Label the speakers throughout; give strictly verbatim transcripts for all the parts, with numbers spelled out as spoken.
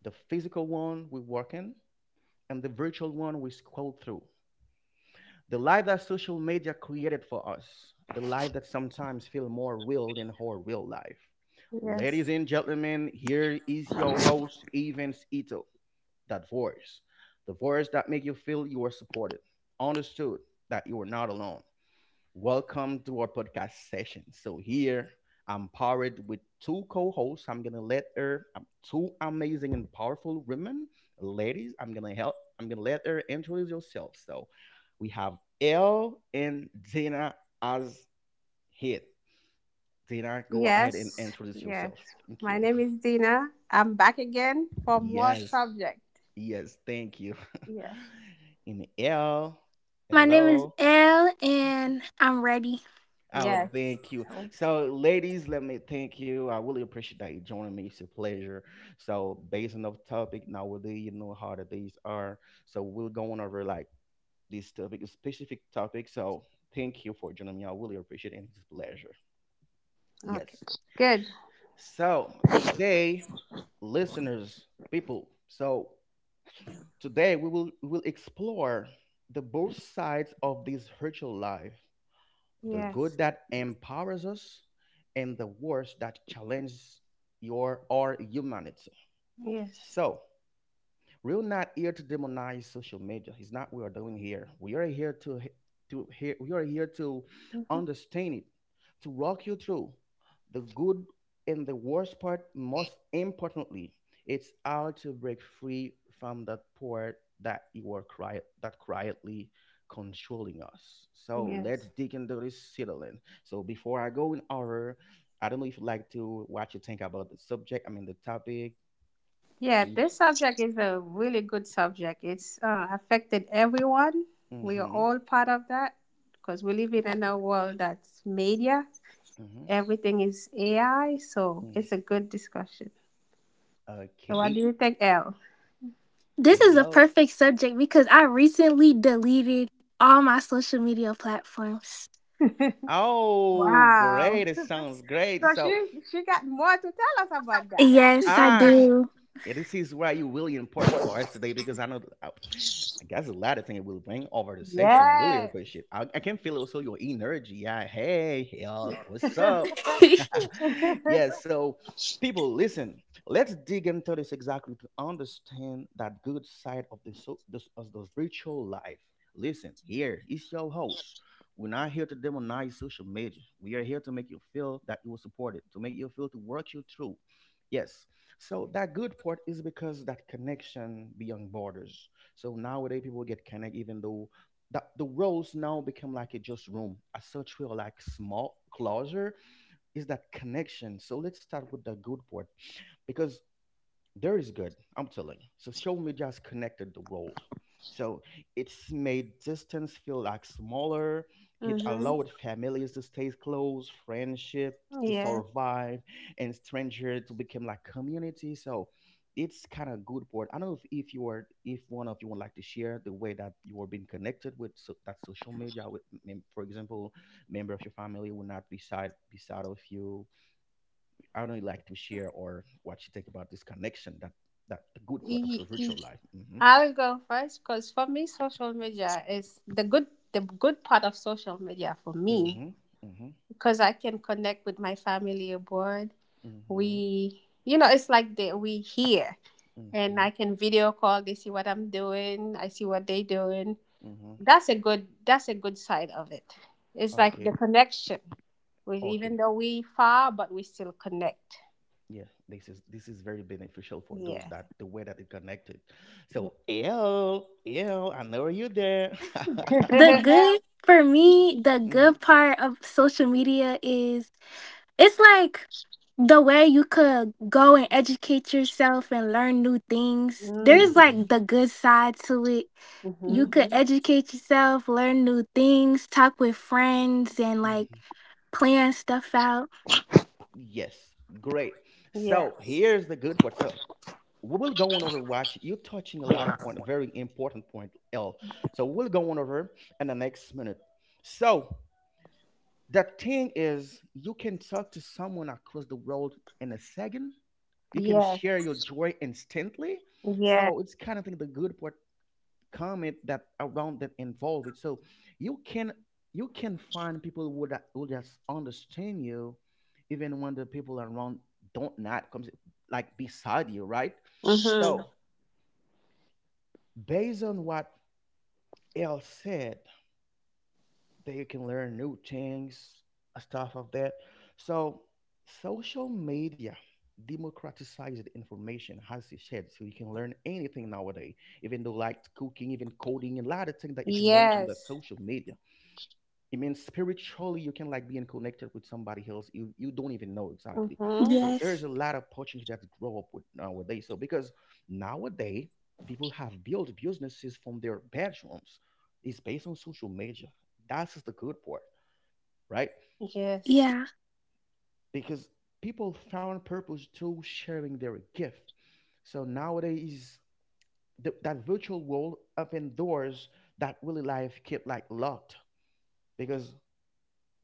Speaker 1: the physical one we work in and the virtual one we scroll through. The life that social media created for us, the life that sometimes feels more real than our real life. Ladies
Speaker 2: Yes.
Speaker 1: and gentlemen, here is your host, Evans Ito, that voice. The voice that makes you feel you are supported, understood, that you are not alone. Welcome to our podcast session. So here I'm powered with two co-hosts. I'm gonna let her um, two amazing and powerful women, ladies. I'm gonna help. I'm gonna let her introduce yourself. So we have Elle and Dana as head. Dana, go ahead and
Speaker 2: Yes.
Speaker 1: introduce
Speaker 2: Yes.
Speaker 1: yourself. Thank you.
Speaker 2: My name is Dina. I'm back again for more
Speaker 1: Yes,
Speaker 2: subject.
Speaker 1: yes, thank you.
Speaker 2: Yeah.
Speaker 1: And Elle,
Speaker 3: My name is
Speaker 1: hello.
Speaker 3: Elle, and I'm ready.
Speaker 1: Oh,
Speaker 2: Yes.
Speaker 1: thank you.
Speaker 2: Oh,
Speaker 1: So, ladies, let me thank you. I really appreciate that you joining me. It's a pleasure. So, based on the topic nowadays, you know how the days are. So, we're going over like this topic, a specific topic. So, thank you for joining me. I really appreciate it. And it's a pleasure.
Speaker 2: okay.
Speaker 1: Yes.
Speaker 2: Good.
Speaker 1: So, today, listeners, people, so today we will we will explore the both sides of this virtual life, the
Speaker 2: Yes.
Speaker 1: good that empowers us and the worst that challenges your our humanity.
Speaker 2: Yes.
Speaker 1: So we're not here to demonize social media. It's not what we're doing here. We are here to he- to hear, we are here to
Speaker 2: hmm
Speaker 1: understand it, to walk you through the good and the worst part. Most importantly, it's how to break free from that part that you are quiet that quietly controlling us. So let's
Speaker 2: Yes.
Speaker 1: dig into this settling. So before I go in order, I don't know if you'd like to what you think about the subject. I mean the topic.
Speaker 2: Yeah,
Speaker 1: Mm-hmm.
Speaker 2: this subject is a really good subject. It's uh, affected everyone. We are
Speaker 1: Mm-hmm.
Speaker 2: all part of that because we live in a world that's media.
Speaker 1: Mm-hmm.
Speaker 2: Everything is A I, so it's a good discussion. So, what do
Speaker 1: Okay.
Speaker 2: you think, Elle?
Speaker 3: This is a
Speaker 1: Hello.
Speaker 3: perfect subject because I recently deleted all my social media platforms.
Speaker 1: Oh,
Speaker 2: Wow.
Speaker 1: great. It sounds great.
Speaker 2: So
Speaker 1: So,
Speaker 2: she she got more to tell us about that.
Speaker 3: Yes, I
Speaker 1: Ash,
Speaker 3: do.
Speaker 1: yeah, this is why you really important for us today because I know I, I guess a lot of things will bring over the session. I really
Speaker 2: Yes.
Speaker 1: appreciate it. I, I can feel also your energy. Yeah, hey, y'all, what's up? Yeah, so people, listen, let's dig into this exactly to understand that good side of the, so, this, of the virtual life. Listen, here is your host. We're not here to demonize social media. We are here to make you feel that you were supported, to make you feel to work you through. Yes, so that good part is because that connection beyond borders. So nowadays people get connected even though that the roles now become like a just room. As such we are like small closure, is that connection. So let's start with the good part. Because there is good, I'm telling you. So social media has connected the world, so it's made distance feel like smaller, it
Speaker 2: Mm-hmm.
Speaker 1: allowed families to stay close, friendships to
Speaker 2: Yes.
Speaker 1: survive, and strangers to become like community. So it's kind of good board. I don't know if, if you are, if one of you would like to share the way that you are being connected with, so, that social media with mem- for example member of your family will not be side beside of you. I don't really like to share or what you think about this connection that that the good part of the
Speaker 2: Y-
Speaker 1: virtual
Speaker 2: y-
Speaker 1: life. Mm-hmm.
Speaker 2: I'll go first because for me, social media is the good, the good part of social media for me,
Speaker 1: Mm-hmm. Mm-hmm.
Speaker 2: because I can connect with my family abroad. We,
Speaker 1: Mm-hmm.
Speaker 2: you know, it's like they, we here, and
Speaker 1: Mm-hmm.
Speaker 2: I can video call. They see what I'm doing. I see what they doing.
Speaker 1: Mm-hmm.
Speaker 2: That's a good. That's a good side of it. It's like the
Speaker 1: Okay.
Speaker 2: connection. We, even
Speaker 1: Okay.
Speaker 2: though we far, but we still connect.
Speaker 1: Yeah. This is this is very beneficial for those
Speaker 2: Yeah.
Speaker 1: that the way that it connected. So yo, yo, I know you there.
Speaker 3: the good for me, the
Speaker 1: Mm,
Speaker 3: good part of social media is it's like the way you could go and educate yourself and learn new things. There's
Speaker 2: Mm-hmm.
Speaker 1: mhm,
Speaker 3: like the good side to it. You could Mhm. educate yourself, learn new things, talk with friends, and like
Speaker 1: mhm.
Speaker 3: plan stuff out.
Speaker 1: Yes, great. So
Speaker 2: Yes.
Speaker 1: here's the good part. So we will go on over, watch, you're touching a lot of point, a very important point, l, so we'll go on over in the next minute. So the thing is, you can talk to someone across the world in a second, you can
Speaker 2: Yes.
Speaker 1: share your joy instantly.
Speaker 2: Yes.
Speaker 1: So it's kind of think the good part, comment that around, that involve it. So you can, you can find people who that will just understand you even when the people around don't not comes like beside you, right?
Speaker 2: Mm-hmm.
Speaker 1: So based on what Elle said, they can learn new things, uh, stuff of that. So social media democratizes information, as you said, so you can learn anything nowadays, even though like cooking, even coding, and a lot of things that you can learn from the
Speaker 2: Yes.
Speaker 1: social media. It means spiritually you can like being connected with somebody else, you you don't even know exactly.
Speaker 2: Mm-hmm.
Speaker 1: So there's a
Speaker 3: Yes.
Speaker 1: lot of opportunity that grow up with nowadays. So because nowadays people have built businesses from their bedrooms, it's based on social media. That's the good part, right?
Speaker 2: Yes.
Speaker 3: Yeah.
Speaker 1: Because people found purpose through sharing their gift. So nowadays, th- that virtual world open doors that really life kept like locked, because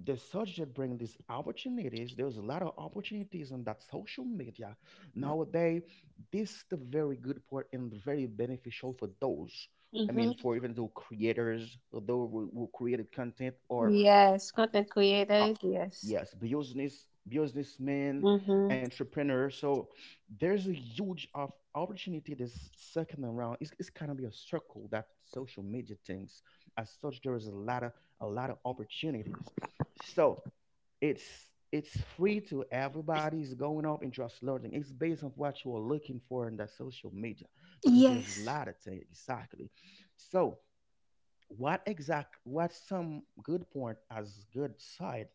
Speaker 1: the search that bring these opportunities, there's a lot of opportunities on that social media nowadays. This is the very good part and very beneficial for those, I mean
Speaker 2: Mm-hmm.
Speaker 1: for even though creators, those who, who created content or
Speaker 2: Yes. Content
Speaker 1: uh,
Speaker 2: creators. Yes.
Speaker 1: yes, business businessmen,
Speaker 2: Mm-hmm.
Speaker 1: entrepreneurs. So there's a huge of opportunity this second around. It's, it's kind of be a circle that social media thinks. As such, there is a lot of a lot of opportunities. So it's it's free to everybody is going up and just learning. It's based on what you are looking for in that social media, because there's a
Speaker 3: Yes.
Speaker 1: lot of things exactly. So what exact, what some good point as good side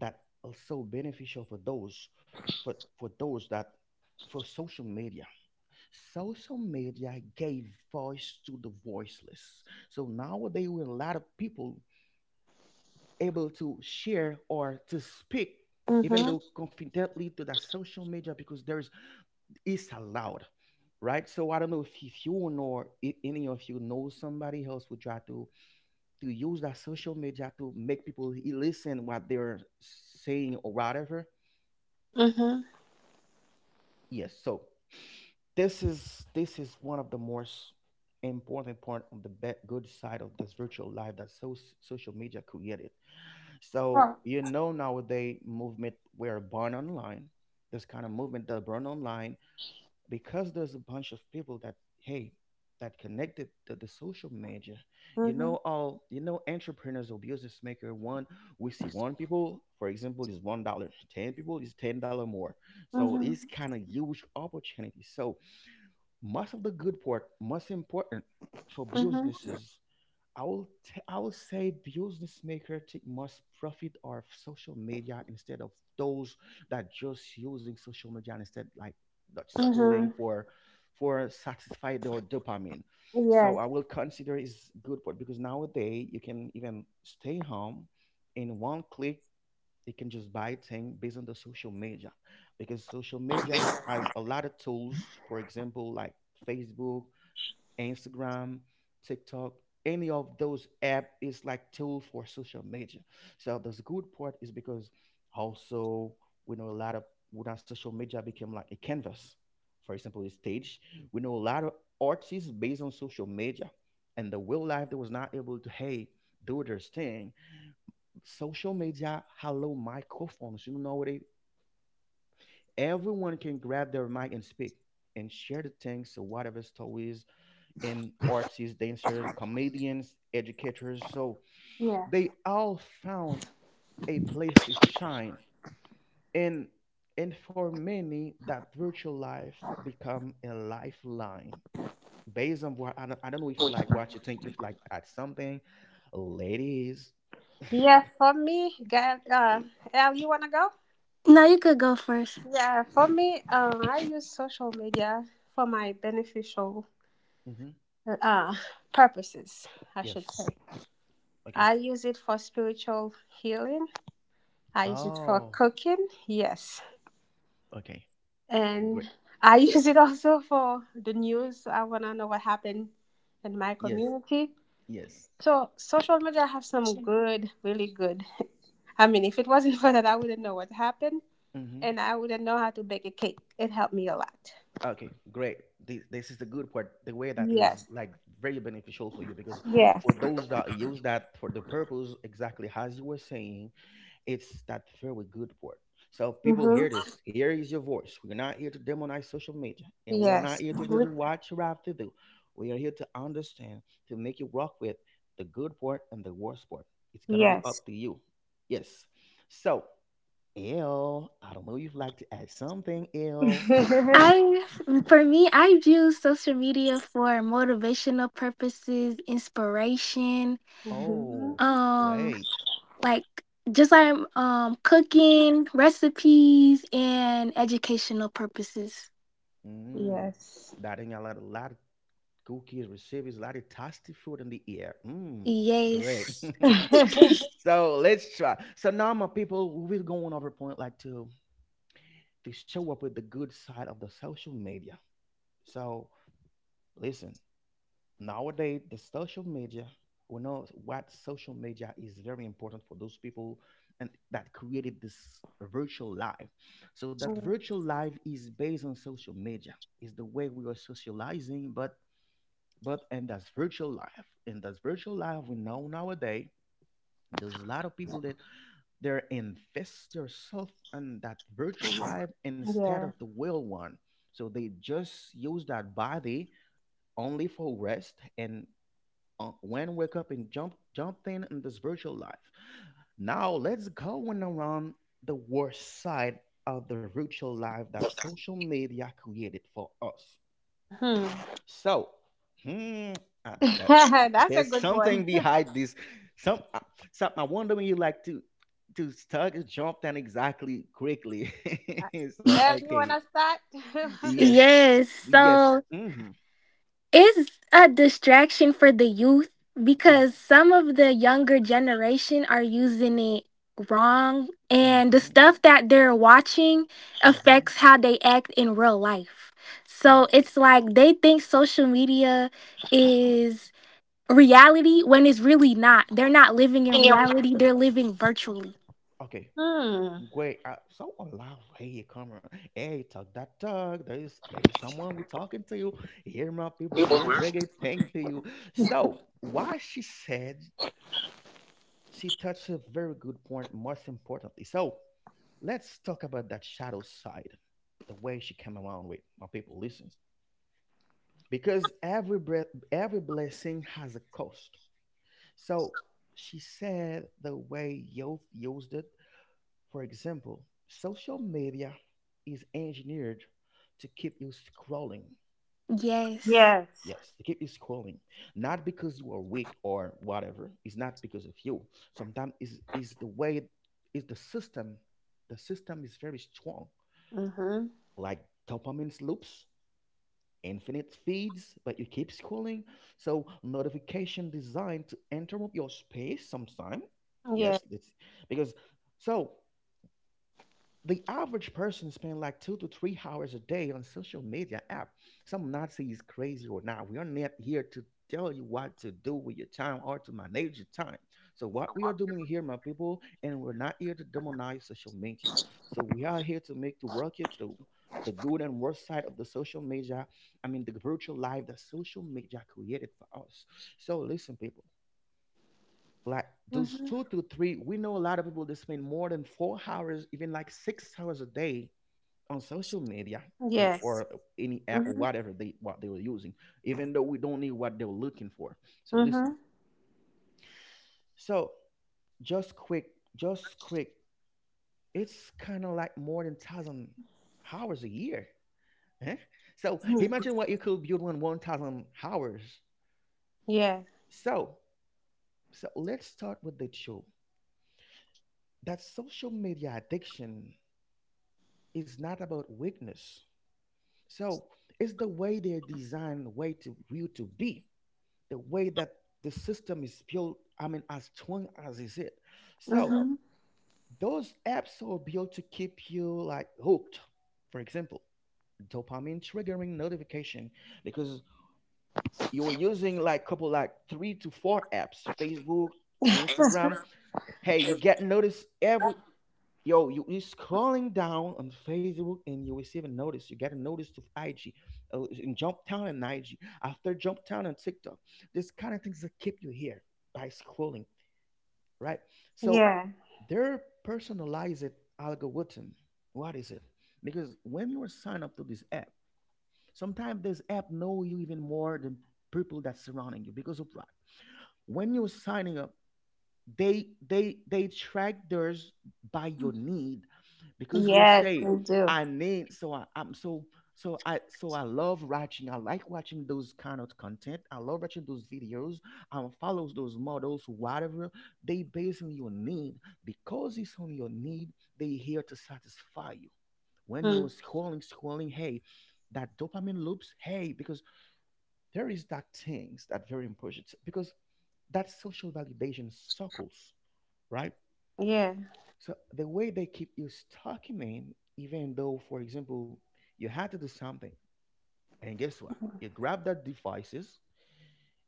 Speaker 1: that also beneficial for those, for for those that, for social media, social media gave voice to the voiceless. So nowadays we a lot of people able to share or to speak even
Speaker 2: Mm-hmm.
Speaker 1: though confidently to that social media because there is, it's allowed, right? So I don't know if, if you know, if any of you know somebody else who try to to use that social media to make people e- listen what they're saying or whatever.
Speaker 2: Mm-hmm.
Speaker 1: Yes, so this is this is one of the most important part of the bad, good side of this virtual life that so, social media created. So
Speaker 2: Oh.
Speaker 1: you know nowadays movement where born online, this kind of movement that born online, because there's a bunch of people that, hey, that connected to the social media. You
Speaker 2: Mm-hmm.
Speaker 1: know, all you know, entrepreneurs or business maker, one, we see one people, for example, is one dollar, ten people is ten dollar more. So
Speaker 2: Mm-hmm.
Speaker 1: it's kind of huge opportunity. So most of the good part, most important for
Speaker 2: Mm-hmm.
Speaker 1: businesses. I will t- I will say business maker take most profit of social media instead of those that just using social media instead like that schooling
Speaker 2: Mm-hmm.
Speaker 1: for for satisfy their dopamine. So
Speaker 2: Yes.
Speaker 1: I will consider is good part because nowadays you can even stay home in one click. You can just buy thing based on the social media, because social media is, has a lot of tools. For example, like Facebook, Instagram, TikTok, any of those app is like tool for social media. So the good part is because also we know a lot of, when our social media became like a canvas. For example, a stage. We know a lot of artists based on social media. And the real life that was not able to, hey, do their thing. Social media, hello microphones. You know what they, everyone can grab their mic and speak and share the things so whatever stories, and artists, dancers, comedians, educators. So
Speaker 2: Yes.
Speaker 1: they all found a place to shine. And and for many, that virtual life become a lifeline. Based on what I don't, I don't know if you like what you think, if like at something, ladies.
Speaker 2: Yes. For me, girl. uh, El, you wanna go?
Speaker 3: No, you could go first.
Speaker 2: Yeah, for me, um, I use social media for my beneficial
Speaker 1: Mm-hmm.
Speaker 2: uh, purposes, I should
Speaker 1: Yes.
Speaker 2: say.
Speaker 1: Okay.
Speaker 2: I use it for spiritual healing. I use it for
Speaker 1: Oh.
Speaker 2: cooking, yes.
Speaker 1: Okay. Great.
Speaker 2: And I use it also for the news. I want to know what happened in my
Speaker 1: Yes.
Speaker 2: community.
Speaker 1: Yes.
Speaker 2: So, social media have some good, really good. I mean, if it wasn't for that, I wouldn't know what happened,
Speaker 1: Mm-hmm.
Speaker 2: and I wouldn't know how to bake a cake. It helped me a lot.
Speaker 1: Okay, great. This, this is the good part. The way that is
Speaker 2: Yes,
Speaker 1: like very beneficial for you, because
Speaker 2: yes.
Speaker 1: for those that use that for the purpose, exactly as you were saying, it's that very good part. So people
Speaker 2: Mhm.
Speaker 1: hear this. Here is your voice. We're not here to demonize social media, and we are not
Speaker 2: Yes.
Speaker 1: here to do you
Speaker 2: With-
Speaker 1: what you have to do. We are here to understand, to make you work with the good part and the worst part. It's gonna be
Speaker 2: Yes.
Speaker 1: up to you. Yes. So, L, I don't know if you'd like to add something, L.
Speaker 3: I, for me, I've used social media for motivational purposes, inspiration,
Speaker 2: Mhm.
Speaker 1: Oh,
Speaker 3: um,
Speaker 1: great.
Speaker 3: like just like um, cooking, recipes, and educational purposes.
Speaker 1: Mm.
Speaker 2: Yes.
Speaker 1: Dating a lot, a lot of cookies receives a lot of tasty food in the air. Mm. Great.
Speaker 3: Yes.
Speaker 1: So let's try. So now my people, we're going over point like to to show up with the good side of the social media. So listen, nowadays the social media, we know what social media is very important for those people and that created this virtual life. So that
Speaker 2: Mm,
Speaker 1: virtual life is based on social media, is the way we are socializing, but but and that's virtual life. And that's virtual life, we know nowadays there's a lot of people that they're invest themselves in that virtual life instead
Speaker 2: yeah.
Speaker 1: of the real one. So they just use that body only for rest, and uh, when wake up and jump jump in in this virtual life. Now let's go and around the worst side of the virtual life that social media created for us.
Speaker 2: Hmm.
Speaker 1: So, hmm, uh, that
Speaker 2: That's a
Speaker 1: there's
Speaker 2: good
Speaker 1: something
Speaker 2: one.
Speaker 1: behind this. Some, uh, some I wonder when you like to to start jump down exactly quickly. So
Speaker 2: Um, you
Speaker 1: okay,
Speaker 2: wanna start?
Speaker 1: yes,
Speaker 3: Yes.
Speaker 1: yes,
Speaker 3: So
Speaker 1: mm-hmm,
Speaker 3: it's a distraction for the youth because some of the younger generation are using it wrong,
Speaker 1: mm-hmm,
Speaker 3: and the
Speaker 1: mm-hmm.
Speaker 3: stuff that they're watching
Speaker 1: Mm-hmm.
Speaker 3: affects how they act in real life. So it's like they think social media is reality when it's really not. They're not living in
Speaker 2: And your
Speaker 3: reality,
Speaker 2: reaction?
Speaker 3: they're living virtually.
Speaker 1: Okay.
Speaker 2: Hmm.
Speaker 1: Great. I, so a lot of hey, come around. Hey, talk that talk. There is there is someone who talking to you. Hear my people. We're bringing things to you. So why she said, she touched a very good point. Most importantly, so let's talk about that shadow side, the way she came around with my people. Listen, because every breath, every blessing has a cost. So she said the way youth used it. For example, social media is engineered to keep you scrolling.
Speaker 3: Yes.
Speaker 2: Yes.
Speaker 1: Yes, to keep you scrolling. Not because you are weak or whatever. It's not because of you. Sometimes is is the way, is the system. The system is very strong.
Speaker 2: Mhm.
Speaker 1: Like dopamine loops, infinite feeds, but you keep scrolling. So notification designed to interrupt your space sometime.
Speaker 2: Yeah.
Speaker 1: Yes, it's because, so the average person spends like two to three hours a day on social media app. Some Nazi is crazy or not. We are not here to tell you what to do with your time or to manage your time. So what we are doing here, my people, and we're not here to demonize social media. So we are here to make to work you through the good and worst side of the social media. I mean the virtual life that social media created for us. So listen, people, like those
Speaker 2: Mhm.
Speaker 1: two to three, we know a lot of people that spend more than four hours, even like six hours a day on social media, in or
Speaker 2: Yes.
Speaker 1: any app or
Speaker 2: Mhm.
Speaker 1: whatever they what they were using, even though we don't need what they were looking for. So listen,
Speaker 2: Mhm.
Speaker 1: so just quick just quick it's kind of like more than thousand hours a year, eh? So
Speaker 2: Mhm.
Speaker 1: imagine what you could build in one thousand hours.
Speaker 2: Yeah.
Speaker 1: So so let's start with the show that social media addiction, it's not about weakness. So it's the way they're designed, the way to you to be, the way that the system is built. I mean, as strong as is it. So
Speaker 2: Mhm.
Speaker 1: those apps are built to keep you like hooked. For example, dopamine triggering notification, because you're using like couple like three to four apps, Facebook, Instagram. Hey, you get notice every. Yo, you you scrolling down on Facebook and you receive a notice. You get a notice to I G, uh, in Jump Town and I G. After Jump Town and TikTok, this kind of things that keep you here by scrolling, right? So,
Speaker 2: yeah.
Speaker 1: their personalized algorithm. What is it? Because when you are signed up to this app, sometimes this app know you even more than people that surrounding you. Because of what? When you're signing up, they they they track theirs by your need, because you were
Speaker 2: Yes,
Speaker 1: saying,
Speaker 2: they do.
Speaker 1: I need so I, I'm so so I so I love watching, I like watching those kind of content, I love watching those videos, I follows those models, whatever. They based on your need, because it's on your need, they here to satisfy you. When you were
Speaker 2: Hmm.
Speaker 1: scrolling scrolling hey, that dopamine loops, hey, because there is that things that very important, because that social validation circles, right?
Speaker 2: Yeah.
Speaker 1: So the way they keep you stuck in it, even though, for example, you had to do something, and guess what? You grab that devices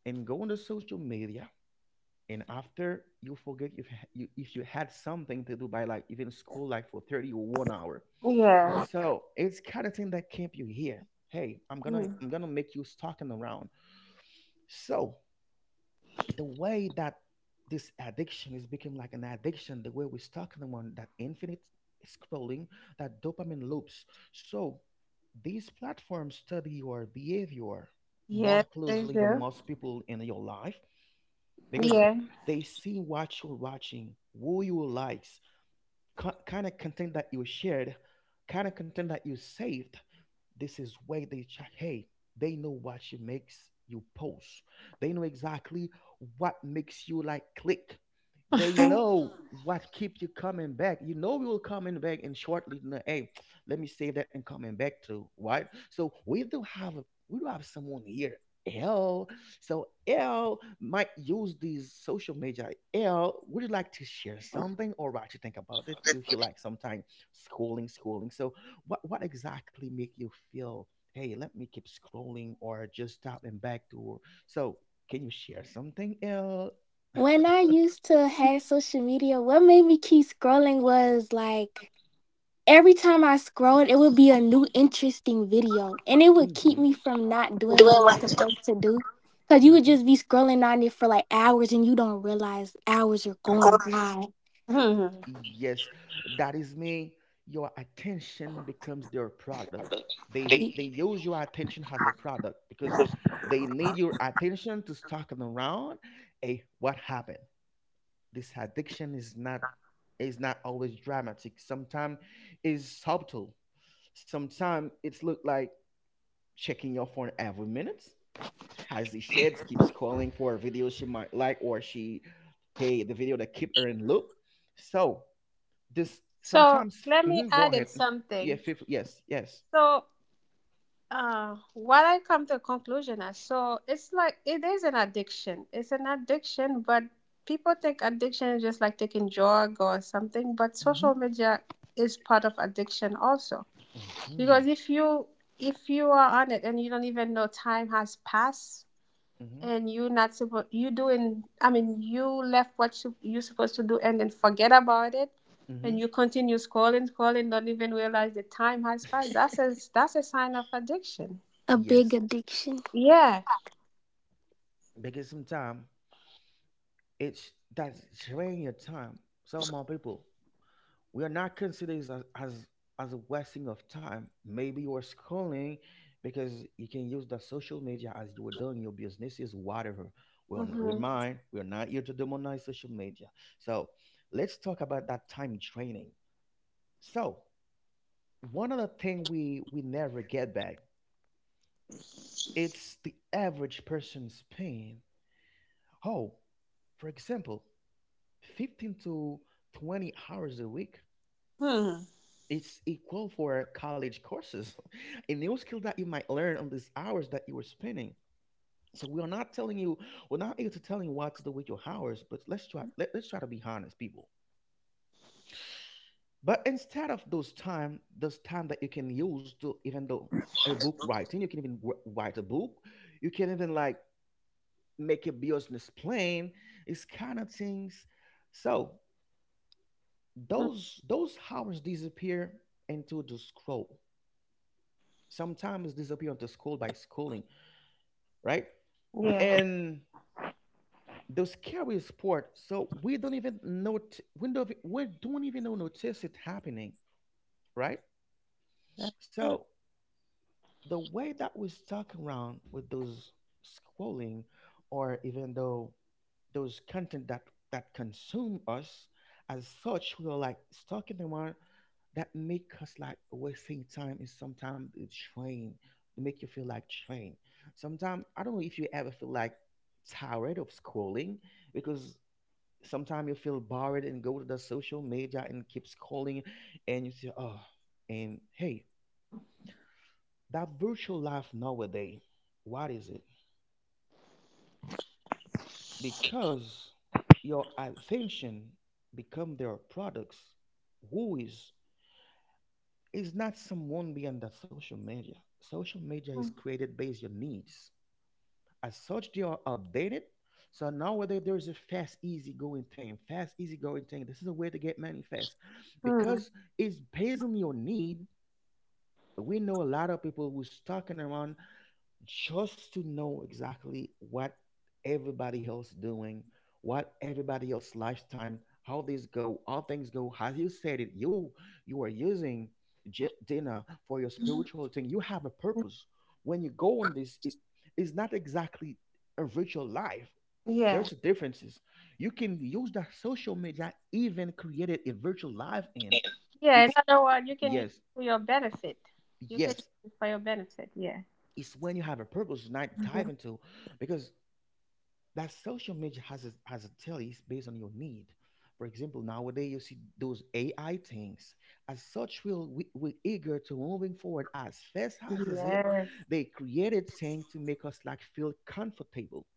Speaker 1: and go on the social media, and after you forget if ha- you, if you had something to do by like even school like for thirty or one hour.
Speaker 2: Yeah.
Speaker 1: So it's kind of thing that keep you here. Hey, I'm gonna
Speaker 2: Hmm.
Speaker 1: I'm gonna make you stuck and around. So the way that this addiction is become like an addiction, the way we're stuck in the one that infinite scrolling, that dopamine loops. So these platforms study your behavior more
Speaker 2: Yes, they
Speaker 1: closely than
Speaker 2: do.
Speaker 1: most people in your life, because
Speaker 2: Yeah.
Speaker 1: they see what you're watching, who you likes, kind of content that you shared, kind of content that you saved, this is where they check. Hey, they know what she makes you post. They know exactly what makes you like click. They
Speaker 2: Doing
Speaker 1: know what keep you coming back. You know we will coming back and shortly. You know, hey, let me save that and coming back to, right. So we do have a- we do have someone here. L. So L might use these social media. L, would you like to share something or what you think about it? If you like sometime schooling, schooling. So what what exactly make you feel, hey, let me keep scrolling or just stopping back to. So can you share something else?
Speaker 3: When I used to have social media, what made me keep scrolling was like every time I scrolled, it would be a new interesting video, and it would keep
Speaker 1: Hmm.
Speaker 3: me from not doing what I'm
Speaker 2: what?
Speaker 3: supposed to do. Cause you would
Speaker 1: Hmm.
Speaker 3: just be scrolling on it for like hours, and you don't realize hours are going by.
Speaker 2: Hmm.
Speaker 1: Yes, that is me. Your attention becomes their product. they he-
Speaker 3: It-
Speaker 1: they use your attention as a product, because they need your attention to stalking around. Hey, what happened? This addiction is not, is not always dramatic. Sometimes is subtle, sometimes it's look like checking your phone every minute. As the shades keeps scrolling for a video she might like, or she, hey, the video that keep her in loop. So this
Speaker 2: So
Speaker 1: sometimes,
Speaker 2: let me
Speaker 1: mhm, go
Speaker 2: add in
Speaker 1: ahead. Yeah,
Speaker 2: something.
Speaker 1: fifth, yes, yes.
Speaker 2: So uh, what I come to a conclusion as, so it's like it is an addiction. It's an addiction, but people think addiction is just like taking drug or something. But social
Speaker 1: Hmm.
Speaker 2: media is part of addiction also,
Speaker 1: Mm-hmm.
Speaker 2: because if you, if you are on it and you don't even know time has passed,
Speaker 1: Mm-hmm.
Speaker 2: and you not supposed you doing, I mean you left what sup- you supposed to do and then forget about it, and
Speaker 1: Mm-hmm.
Speaker 2: you continue scrolling scrolling don't even realize the time has passed. That's a, that's a sign of addiction.
Speaker 3: A big
Speaker 1: Yes.
Speaker 3: addiction.
Speaker 2: Yeah.
Speaker 1: Because sometimes it's that's drain your time. So more people, we are not considered as as as a wasting of time. Maybe you are scrolling because you can use the social media as you were doing your businesses, whatever. We're n- we
Speaker 2: Mm-hmm.
Speaker 1: mind. We're not here to demonize social media. So let's talk about that time training. So one of the thing we we never get back, it's the average person's pain. Oh, for example, fifteen to twenty hours a week.
Speaker 2: hmm
Speaker 1: It's equal for college courses. A new skill that you might learn on these hours that you were spending. So we are not telling you, we're not able to tell you what to do with your hours, but let's try let, let's try to be honest, people. But instead of those time, those time that you can use to even though a book writing, you can even wr- write a book, you can even like make a business plan, it's kind of things. So
Speaker 2: Hmm.
Speaker 1: those those hours disappear into the scroll, sometimes disappear onto school by schooling, right?
Speaker 2: Yeah.
Speaker 1: And those carry sport, so we don't even know we don't, we don't even know notice it happening, right?
Speaker 2: That's true.
Speaker 1: So the way that we stuck around with those scrolling, or even though those content that that consume us, as such we are like stalking around, that make us like wasting time is, sometimes it's train, to make you feel like train. Sometimes I don't know if you ever feel like tired of scrolling, because sometimes you feel bored and go to the social media and keep scrolling and you say, oh, and hey, that virtual life nowadays, what is it? Because your attention become their products. Who is is not someone beyond that social media. Social media is
Speaker 2: Hmm.
Speaker 1: created based on needs. As such, they are updated. So nowadays there is a fast, easy going thing. Fast, easy going thing. This is a way to get money fast,
Speaker 2: Hmm.
Speaker 1: because it's based on your need. We know a lot of people who's stalking around just to know exactly what everybody else doing, what everybody else lifetime, how this go, how things go. As you said it, you you are using j- dinner for your spiritual thing. You have a purpose. When you go on this, it is not exactly a virtual life.
Speaker 2: Yeah,
Speaker 1: There's differences. You can use that social media, even created a virtual life in.
Speaker 2: yeah, in
Speaker 1: It's
Speaker 2: other words you can use
Speaker 1: yes,
Speaker 2: it for your benefit, you can use
Speaker 1: yes.
Speaker 2: it for your benefit, yeah.
Speaker 1: It's when you have a purpose, not dive
Speaker 2: Mhm.
Speaker 1: into, because that social media has a, has a tell is based on your need. For example, nowadays you see those A I things. As such, we'll, we, we're eager to moving forward as fast as is it.
Speaker 2: Yes.
Speaker 1: They created thing to make us like feel comfortable.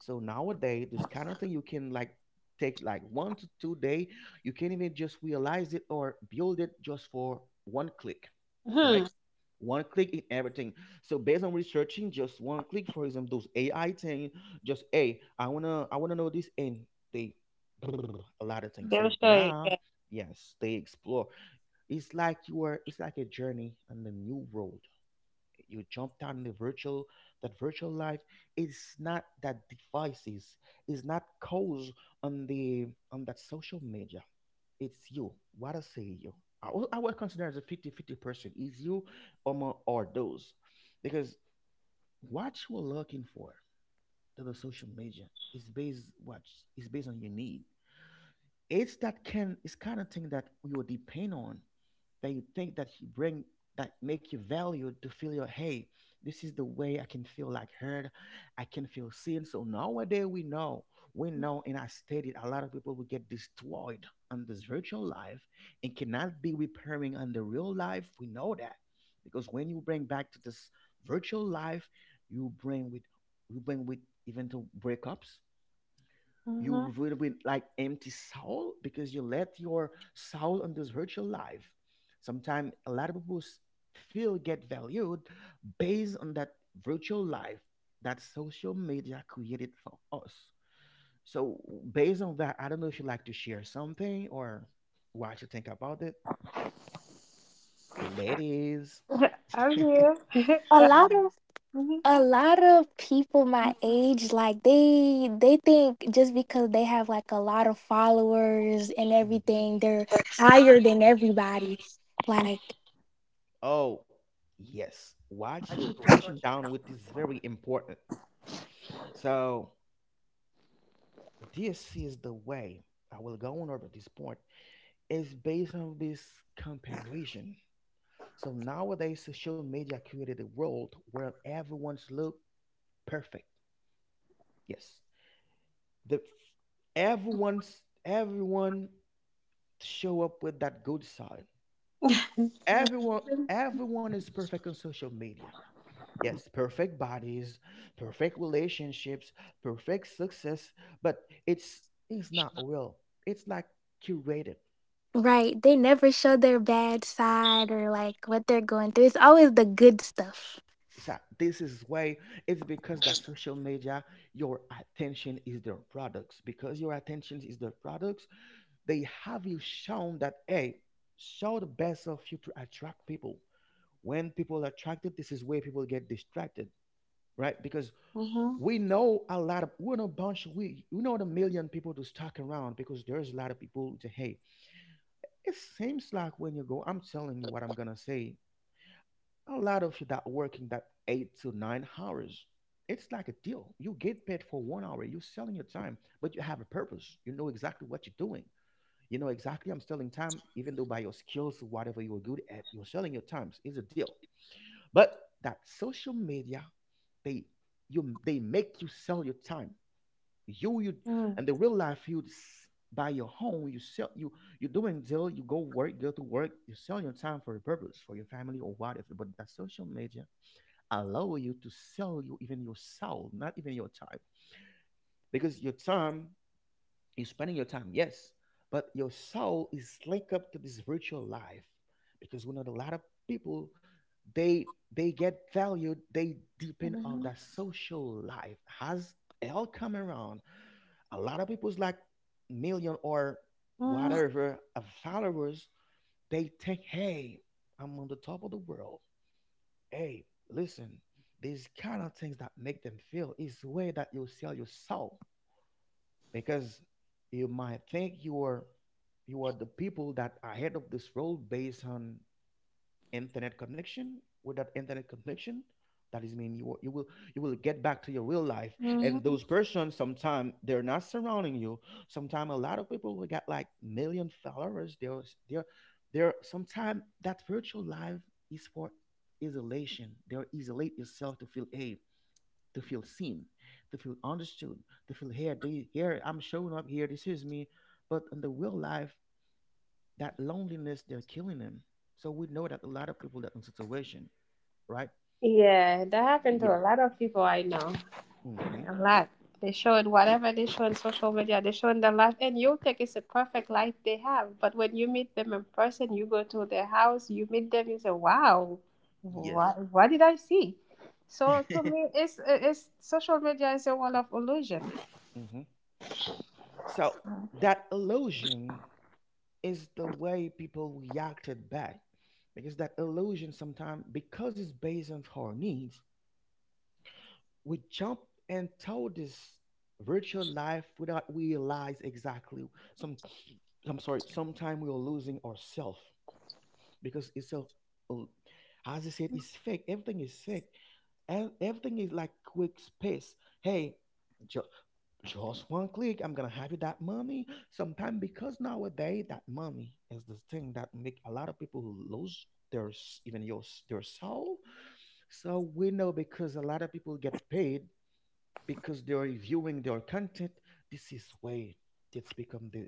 Speaker 1: So nowadays, this kind of thing you can like take like one to two day. You can even just realize it or build it just for one click, right?
Speaker 2: hmm
Speaker 1: One click in everything. So based on researching, just one click. For example, those A I thing, just hey, I wanna I wanna know this, and they a lot of things.
Speaker 2: Very
Speaker 1: So
Speaker 2: sure,
Speaker 1: now,
Speaker 2: yeah.
Speaker 1: yes, they explore. It's like you are. It's like a journey and a new world you jump down in the virtual that virtual life. It's not that devices. It's not caused on the on that social media, it's you. What I say you, i will, I will consider as a fifty-fifty person is you, or more, or those. Because what you're looking for to the social media is based what is based on your need. It's that can, it's kind of thing that you will depend on, that you think that you bring, that make you valued to feel your, hey, this is the way I can feel like heard, I can feel seen. So nowadays we know, we know, and I stated a lot of people will get destroyed on this virtual life and cannot be repairing on the real life. We know that because when you bring back to this virtual life, you bring with you bring with even to breakups, you
Speaker 2: hmm
Speaker 1: will be like empty soul because you let your soul on this virtual life. Sometimes a lot of people s- feel get valued based on that virtual life that social media created for us. So based on that, I don't know if you'd like to share something or what you think about it. Ladies.
Speaker 2: I'm here.
Speaker 3: A lot of
Speaker 2: hmm
Speaker 3: a lot of people my age, like they they think just because they have like a lot of followers and
Speaker 1: Mhm.
Speaker 3: everything, they're higher than everybody. Like
Speaker 1: Oh, yes. What you touching down with is very important. So this is the way I will go on over this point. It's based on this comparison. So nowadays, social media created a world where everyone's look perfect. Yes, the everyone's everyone show up with that good side,
Speaker 2: Mhm,
Speaker 1: everyone, everyone is perfect on social media. Yes, perfect bodies, perfect relationships, perfect success, but it's it's not real. It's like curated.
Speaker 3: right. They never show their bad side or like what they're going through. It's always the good stuff.
Speaker 1: So this is why, it's because that social media your attention is their products, because your attention is their products. They have you shown that, hey, show the best of you to attract people. When people are attracted, this is where people get distracted, right? Because
Speaker 2: mhm,
Speaker 1: we know a lot of, we know a bunch, we, we know the million people to stalk around because there's a lot of people to hate. It seems like when you go, I'm telling you what I'm going to say, a lot of you that working that eight to nine hours, it's like a deal. You get paid for one hour. You're selling your time, but you have a purpose. You know exactly what you're doing. You know exactly. I'm selling time, even though by your skills, whatever you're good at, you're selling your times. It's a deal. But that social media, they, you, they make you sell your time. You you and the real life you s- buy your home. You sell you, you're doing deal. You go work, go to work. You sell your time for a purpose, for your family or whatever. But that social media allow you to sell you even your soul, not even your time, because your time, you're spending your time, yes, but your soul is linked up to this virtual life, because we know that a lot of people they they get valued, they depend on
Speaker 2: mhm,
Speaker 1: that social life. Has hell come around? A lot of people's like million or
Speaker 2: mhm,
Speaker 1: whatever of followers, they think, hey, I'm on the top of the world. Hey, listen, these kind of things that make them feel is the way that you sell your soul, because you might think you are, you are the people that are ahead of this world based on internet connection. With that internet connection, that is mean you will- you will, you will get back to your real life, and
Speaker 2: mhm.
Speaker 1: those persons sometimes they're not surrounding you. Sometimes a lot of people who got like million followers they're s- they're they're sometimes that virtual life is for isolation. They're isolate yourself to feel, hey, to feel seen, to feel understood, to feel here, do here I'm showing up here, this is me. But in the real life, that loneliness they're killing them. So we know that a lot of people that in situation, right?
Speaker 2: Yeah, that happened to a
Speaker 1: Yes.
Speaker 2: lot of people I know.
Speaker 1: Hmm.
Speaker 2: A lot. They show it, whatever they show on social media, they show in the life, and you think it's a perfect life they have. But when you meet them in person, you go to their house, you meet them, you say, "Wow,
Speaker 1: Yes.
Speaker 2: what what did I see?" So for me, it's it's social media is a world of illusion.
Speaker 1: Hmm. So that illusion is the way people reacted back, because that illusion sometimes because it's based on our needs we jumped into this virtual life without realize exactly some, I'm sorry, sometime we are losing ourselves, because it's a, as I said, it's fake, everything is fake. Ev- everything is like quick space. Hey, ju- just one click, I'm gonna have you that money, sometime, because nowadays that money is the thing that make a lot of people lose their s- even your s- their soul. So we know because a lot of people get paid because they're viewing their content. This is way that's become the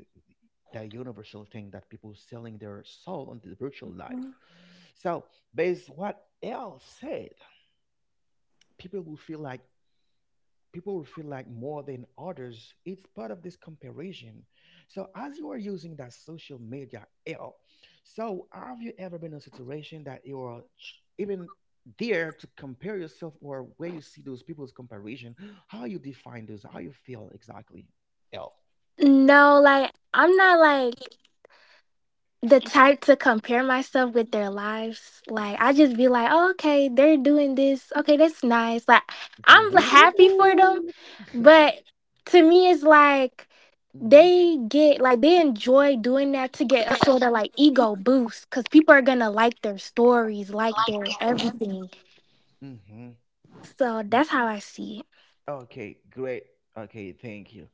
Speaker 1: the universal thing that people selling their soul on the virtual life. So based what L said, people will feel like people will feel like more than others. It's part of this comparison. So as you are using that social media L, so have you ever been in a situation that you are ch- even there to compare yourself, or where you see those people's comparison? How you define those? How you feel exactly? L.
Speaker 3: No, like I'm not like the type to compare myself with their lives. Like I just be like, oh, okay, they're doing this. Okay, that's nice. Like I'm happy for them,
Speaker 1: Woo.
Speaker 3: but to me, it's like they get like they enjoy doing that to get a sort of like ego boost because people are gonna like their stories, like their everything.
Speaker 1: Mhm.
Speaker 3: So
Speaker 1: Mhm.
Speaker 3: that's how I see it.
Speaker 1: Okay, great. Okay, thank you.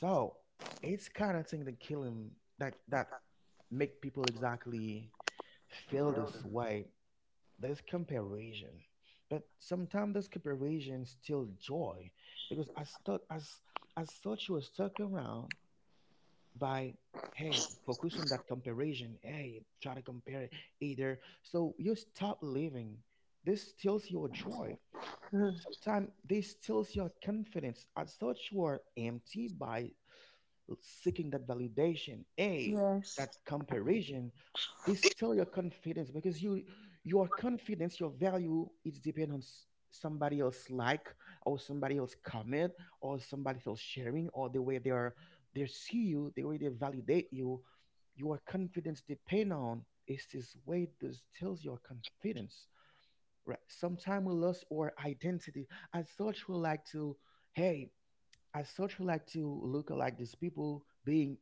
Speaker 1: So it's kind of thing that kill him, that that make people exactly feel this way, there's comparison. But sometimes this comparison still joy, because I thought as as thought you was stuck around by, hey, focus on that comparison, hey, try to compare it, either so you stop living, this steals your joy,
Speaker 2: Mhm.
Speaker 1: sometimes this steals your confidence. I thought you are empty by seeking that validation, a
Speaker 2: Yes.
Speaker 1: that comparison, this still your confidence because you, your confidence, your value, it's depend on s- somebody else like, or somebody else comment, or somebody else sharing, or the way they are, they see you, the way they validate you, your confidence depend on, is this way this tells your confidence. Right. Sometimes we lose our identity. As such, we like to, hey, as such we like to look like these people being,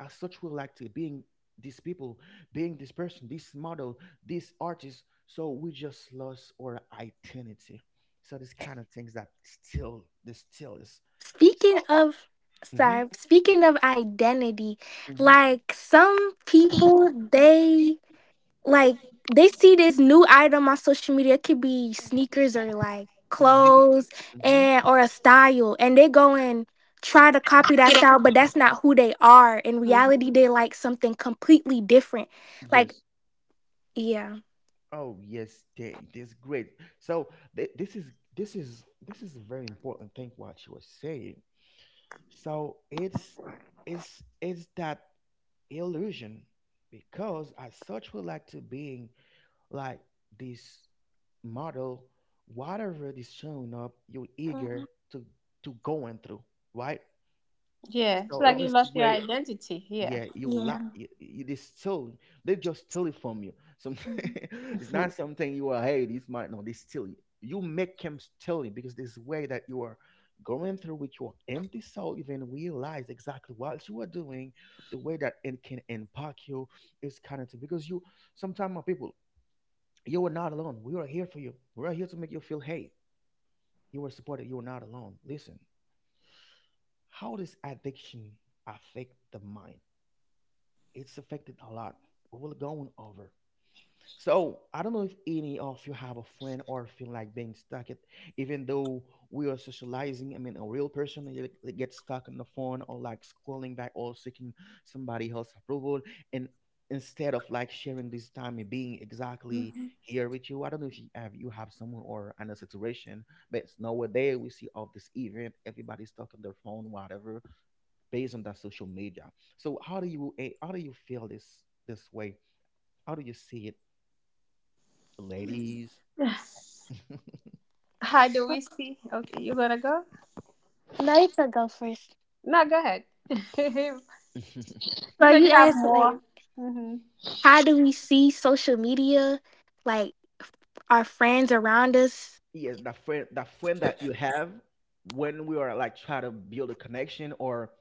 Speaker 1: as such we like to being these people, being this person, this model, this artist, so we just lost our identity. So this kind of things that still this still is,
Speaker 3: Speaking
Speaker 1: so.
Speaker 3: of,
Speaker 1: Mm-hmm.
Speaker 3: sorry, Speaking of identity,
Speaker 1: Mm-hmm.
Speaker 3: like some people, they like they see this new item on social media. It could be sneakers or like
Speaker 1: Mm-hmm.
Speaker 3: clothes
Speaker 1: Mm-hmm.
Speaker 3: and or a style, and they go and try to copy that style, but that's not who they are. In
Speaker 2: Mhm.
Speaker 3: reality, they like something completely different. Like,
Speaker 1: Yes.
Speaker 3: yeah,
Speaker 1: Oh yes they, this great. So th- this is this is this is a very important thing what she was saying. So it's, it's it's that illusion, because as such we like to being like this model, whatever is showing up, you're eager to to go and through, right?
Speaker 2: Yeah, it's
Speaker 1: So
Speaker 2: like
Speaker 1: it
Speaker 2: you
Speaker 1: is the
Speaker 2: lost your
Speaker 1: way,
Speaker 2: identity. Yeah.
Speaker 1: yeah, you la
Speaker 3: yeah.
Speaker 1: it, it is still, they just steal it from you. Some
Speaker 2: Mhm.
Speaker 1: it's not
Speaker 2: Mhm.
Speaker 1: something you are, hey, this might no, they steal it. You make them steal it, because this way that you are going through with your empty soul, even realize exactly what you are doing, the way that it can impact you is kind of thing. Because you, sometimes people, you were not alone. We are here for you. We are here to make you feel, hey, you were supported. You were not alone. Listen, how does addiction affect the mind? It's affected a lot. We will go on over. So I don't know if any of you have a friend or feel like being stuck at, even though we are socializing. I mean, a real person they, they get stuck on the phone or like scrolling back or seeking somebody else's approval, and instead of like sharing this time and being exactly
Speaker 2: Mhm.
Speaker 1: here with you. I don't know if you have you have someone or another situation, but it's nowadays we see all this event, everybody's stuck on their phone, whatever, based on that social media. So how do you eh, how do you feel this this way? How do you see it? Ladies.
Speaker 2: How do
Speaker 3: Well,
Speaker 2: we see? Okay, you gonna go?
Speaker 3: no, you could go first.
Speaker 2: No, go ahead. you
Speaker 3: So
Speaker 2: know
Speaker 3: you
Speaker 2: you have
Speaker 3: asked like,
Speaker 2: more. hmm
Speaker 3: how do we see social media? Like our friends around us.
Speaker 1: Yes, that friend, that friend that you have when we are like trying to build a connection or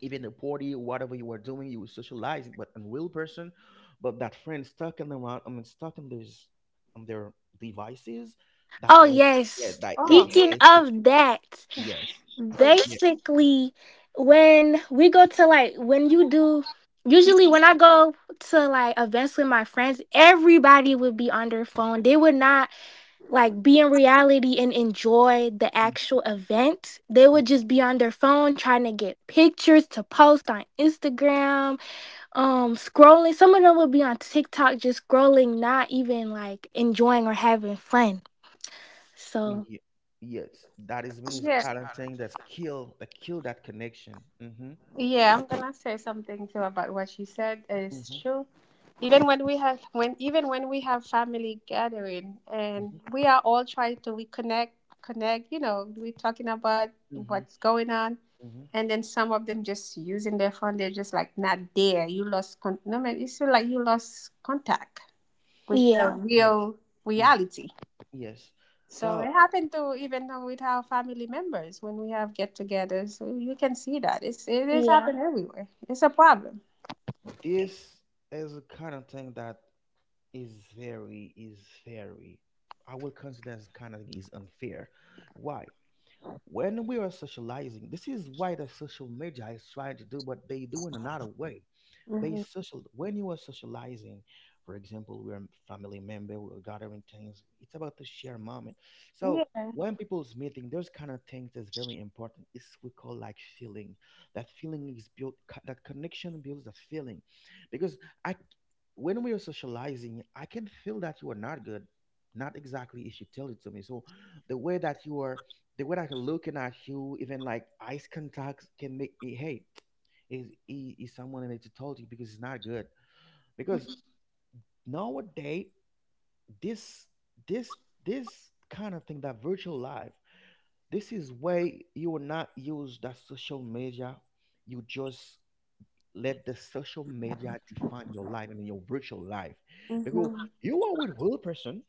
Speaker 1: even a party, whatever you were doing, you were socializing, but a real person, but that friend stuck in the round, I mean, stuck in these on their devices, that
Speaker 3: Oh,
Speaker 1: link, yeah,
Speaker 3: yes.
Speaker 1: that like,
Speaker 2: Oh,
Speaker 3: Speaking
Speaker 1: hey,
Speaker 3: of that,
Speaker 1: yes, yeah,
Speaker 3: basically, when we go to like, when you do, usually when I go to like events with my friends, everybody would be on their phone. They would not like be in reality and enjoy the
Speaker 1: mm,
Speaker 3: actual event. They
Speaker 1: mm,
Speaker 3: would just be on their phone trying to get pictures to post on Instagram, um, scrolling. Some of them would be on TikTok just scrolling, not even like enjoying or having fun. So
Speaker 1: ye- yes, that is means
Speaker 2: yeah,
Speaker 1: kind of thing that's kill, that kill that connection. Mm-hmm.
Speaker 2: yeah. I'm gonna say something too about what she said. It's
Speaker 1: Mm-hmm.
Speaker 2: true. Even when we have, when even when we have family gathering and
Speaker 1: Mm-hmm.
Speaker 2: we are all trying to reconnect, connect. You know, we're talking about
Speaker 1: Mm-hmm.
Speaker 2: what's going on,
Speaker 1: Mm-hmm.
Speaker 2: and then some of them just using their phone. They're just like not there. You lost con- no man. It's like you lost contact with the
Speaker 3: yeah.
Speaker 1: Yeah.
Speaker 2: real
Speaker 1: Mm.
Speaker 2: reality.
Speaker 1: Yes.
Speaker 2: So
Speaker 1: So
Speaker 2: it happened to even with our family members when we have get-togethers. So you can see that it's, it is
Speaker 3: Yeah,
Speaker 2: happening everywhere. It's a problem.
Speaker 1: this is a kind of thing that is very, is very, I would consider as kind of is unfair. Why? When we are socializing, this is why the social media is trying to do what they do in another way. They
Speaker 2: hmm
Speaker 1: social when you are socializing, for example, we're a family member, we're gathering things. It's about to share moment. So
Speaker 2: Yeah.
Speaker 1: when people's meeting, those kind of things is very important. It's we call like feeling. That feeling is built. co- That connection builds a feeling, because I, c- when we are socializing, I can feel that you are not good. Not exactly if you tell it to me. So the way that you are the way that I'm looking at you, even like eyes contacts, can make me hey, is he is someone in it to told you because it's not good. Because nowadays, this this this kind of thing, that virtual life, this is way you will not use that social media. You just let the social media define your life and your virtual life. Because
Speaker 2: hmm
Speaker 1: you are with real person,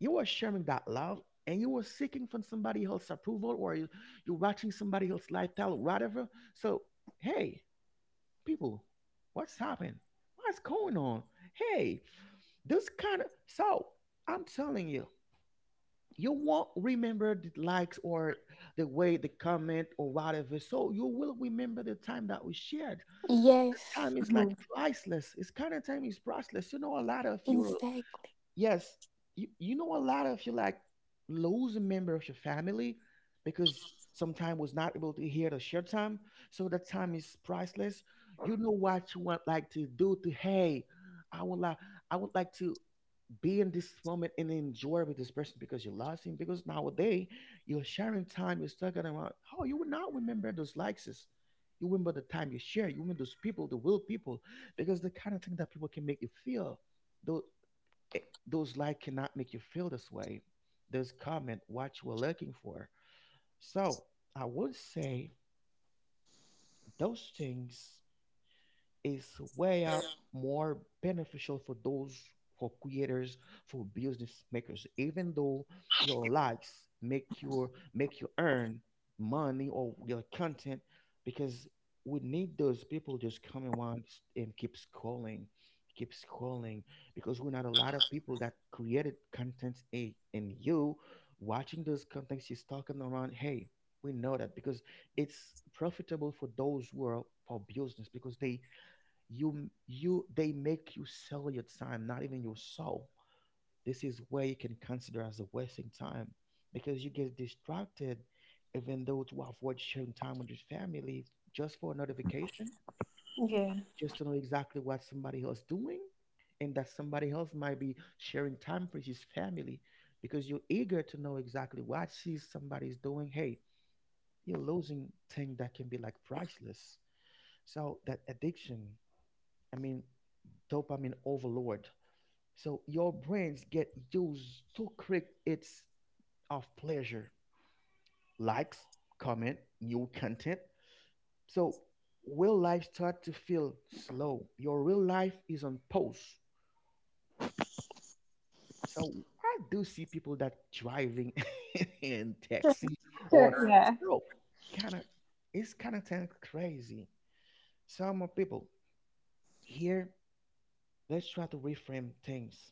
Speaker 1: you were sharing that love and you were seeking from somebody else's approval or you, you're watching somebody else's lifestyle, whatever. So, hey, people, what's happening? What's going on? Hey, this kind of. So, I'm telling you, you won't remember the likes or the way the comment or whatever. So, you will remember the time that we shared. The time
Speaker 3: yes,
Speaker 1: is like
Speaker 2: hmm
Speaker 1: priceless. It's kind of time is priceless. You know, a lot of you
Speaker 3: exactly.
Speaker 1: yes, you, you know a lot of you like lose a member of your family because sometime was not able to hear the share time. So that time is priceless. You know what you want like to do to hey, I would like I would like to be in this moment and enjoy with this person because you lost him. Because nowadays your sharing time is talking about oh you will not remember those likes. You remember the time you share, you remember those people, the real people, because the kind of thing that people can make you feel. Though it- those like cannot make you feel this way. Those comment what you were looking for. So I would say those things is way up more beneficial for those, for creators, for business makers even though your likes make your make you earn money or your content, because we need those people just coming once and keep scrolling, keep scrolling, because we're not a lot of people that created content in, in, you watching those contents she's talking around hey, we know that because it's profitable for those who are for business because they you you they make you sell your time not even your soul. This is where you can consider as a wasting time because you get distracted, even though to avoid sharing time with your family just for a notification,
Speaker 2: Yeah.
Speaker 1: just to know exactly what somebody else doing. And that somebody else might be sharing time for his family because you're eager to know exactly what she's somebody's doing hey, you're losing thing that can be like priceless. So that addiction, I mean, dopamine overload. So your brains get used to quick it's of pleasure, likes, comment, new content. So real life start to feel slow. Your real life is on pause. So I do see people that driving in taxi or
Speaker 2: Yeah.
Speaker 1: so kind of it's kind of thing crazy. Some of people here, let's try to reframe things.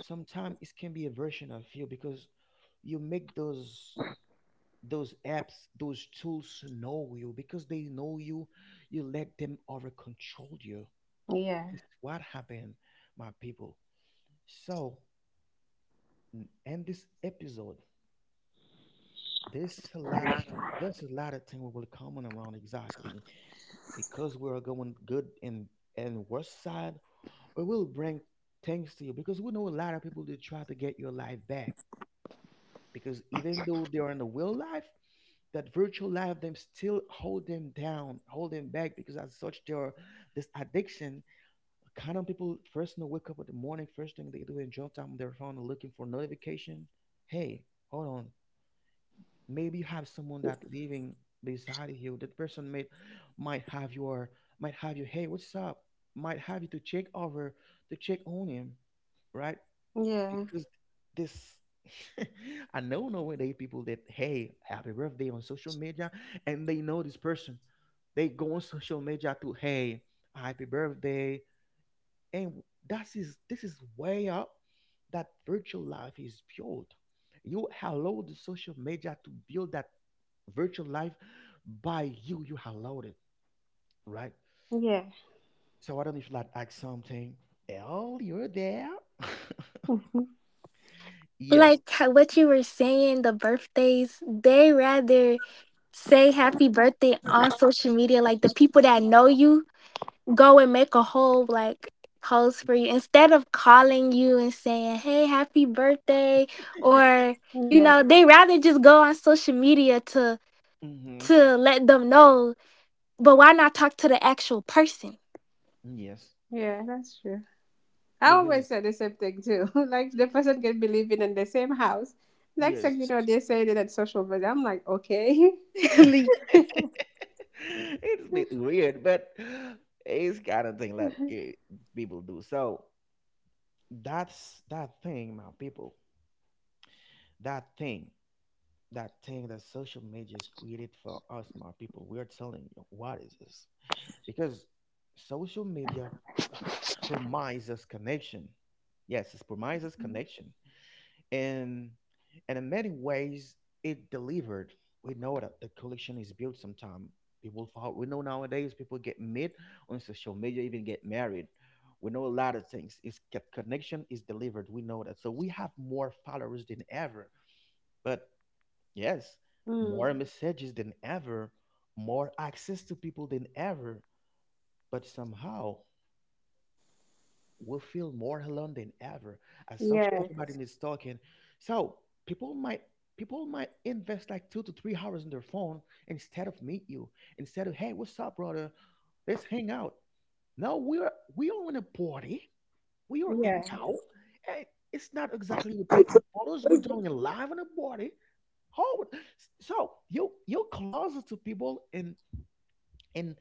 Speaker 1: Sometimes it can be a version of you because you make those those apps, those tools know you because they know you you let them over control you.
Speaker 2: Yeah.
Speaker 1: This is what happened my people. So n- end this episode, there's a lot of there's a lot of thing we will comment around exactly, because we are going good and and worse side. We will bring things to you because we know a lot of people that try to get your life back, because even though they are in the real life, that virtual life them still hold them down, hold them back because as such they are this addiction. Kind of people first thing they wake up in the morning, first thing they do in jump time on their phone looking for notification. Hey, hold on. Maybe you have someone that living beside you. That person may might have your might have you, hey, what's up? Might have you to check over, to check on him, right?
Speaker 2: Yeah.
Speaker 1: Because this, I know nowadays people that hey happy birthday on social media and they know this person. They go on social media to hey happy birthday, and that is this is way up that virtual life is built. You allow the social media to build that virtual life by you. You allowed it, right?
Speaker 2: Yeah.
Speaker 1: So I don't know if like ask something earlier there.
Speaker 2: Mhm.
Speaker 1: Yes.
Speaker 3: Like how- what you were saying, the birthdays, they rather say happy birthday on social media, like the people that know you go and make a whole like post for you instead of calling you and saying hey happy birthday, or you
Speaker 2: Yeah.
Speaker 3: know they rather just go on social media to
Speaker 1: Mm-hmm.
Speaker 3: to let them know, but why not talk to the actual person?
Speaker 1: Yes.
Speaker 2: Yeah. That's true. I always
Speaker 1: Because
Speaker 2: say the same thing too. like
Speaker 1: mm,
Speaker 2: the person can be living in the same house. Next
Speaker 1: yes,
Speaker 2: thing you know, they're saying it at social media. I'm like, okay.
Speaker 1: it's a bit weird, but it's kind of thing like eh, people do. So that's that thing, my people. That thing, that thing that social media is created for us, my people. We are telling you what is this? Because social media promises connection. Yes, it promises connection. and and in many ways it delivered. We know that the collection is built sometime, people follow, we know nowadays people get met on social media, even get married. We know a lot of things, it's co- connection is delivered, we know that. So we have more followers than ever, but yes,
Speaker 2: Mm.
Speaker 1: more messages than ever, more access to people than ever, but somehow will feel more alone than ever. As such,
Speaker 2: Yeah.
Speaker 1: everybody is talking. So people might people might invest like two to three hours on their phone instead of meet you. Instead of hey, what's up, brother? Let's hang out. No, we are we are in a party. We are
Speaker 2: Yeah.
Speaker 1: hanging out. And it's not exactly we're taking photos. We're doing it live in a party. Oh, so you you're closer to people and and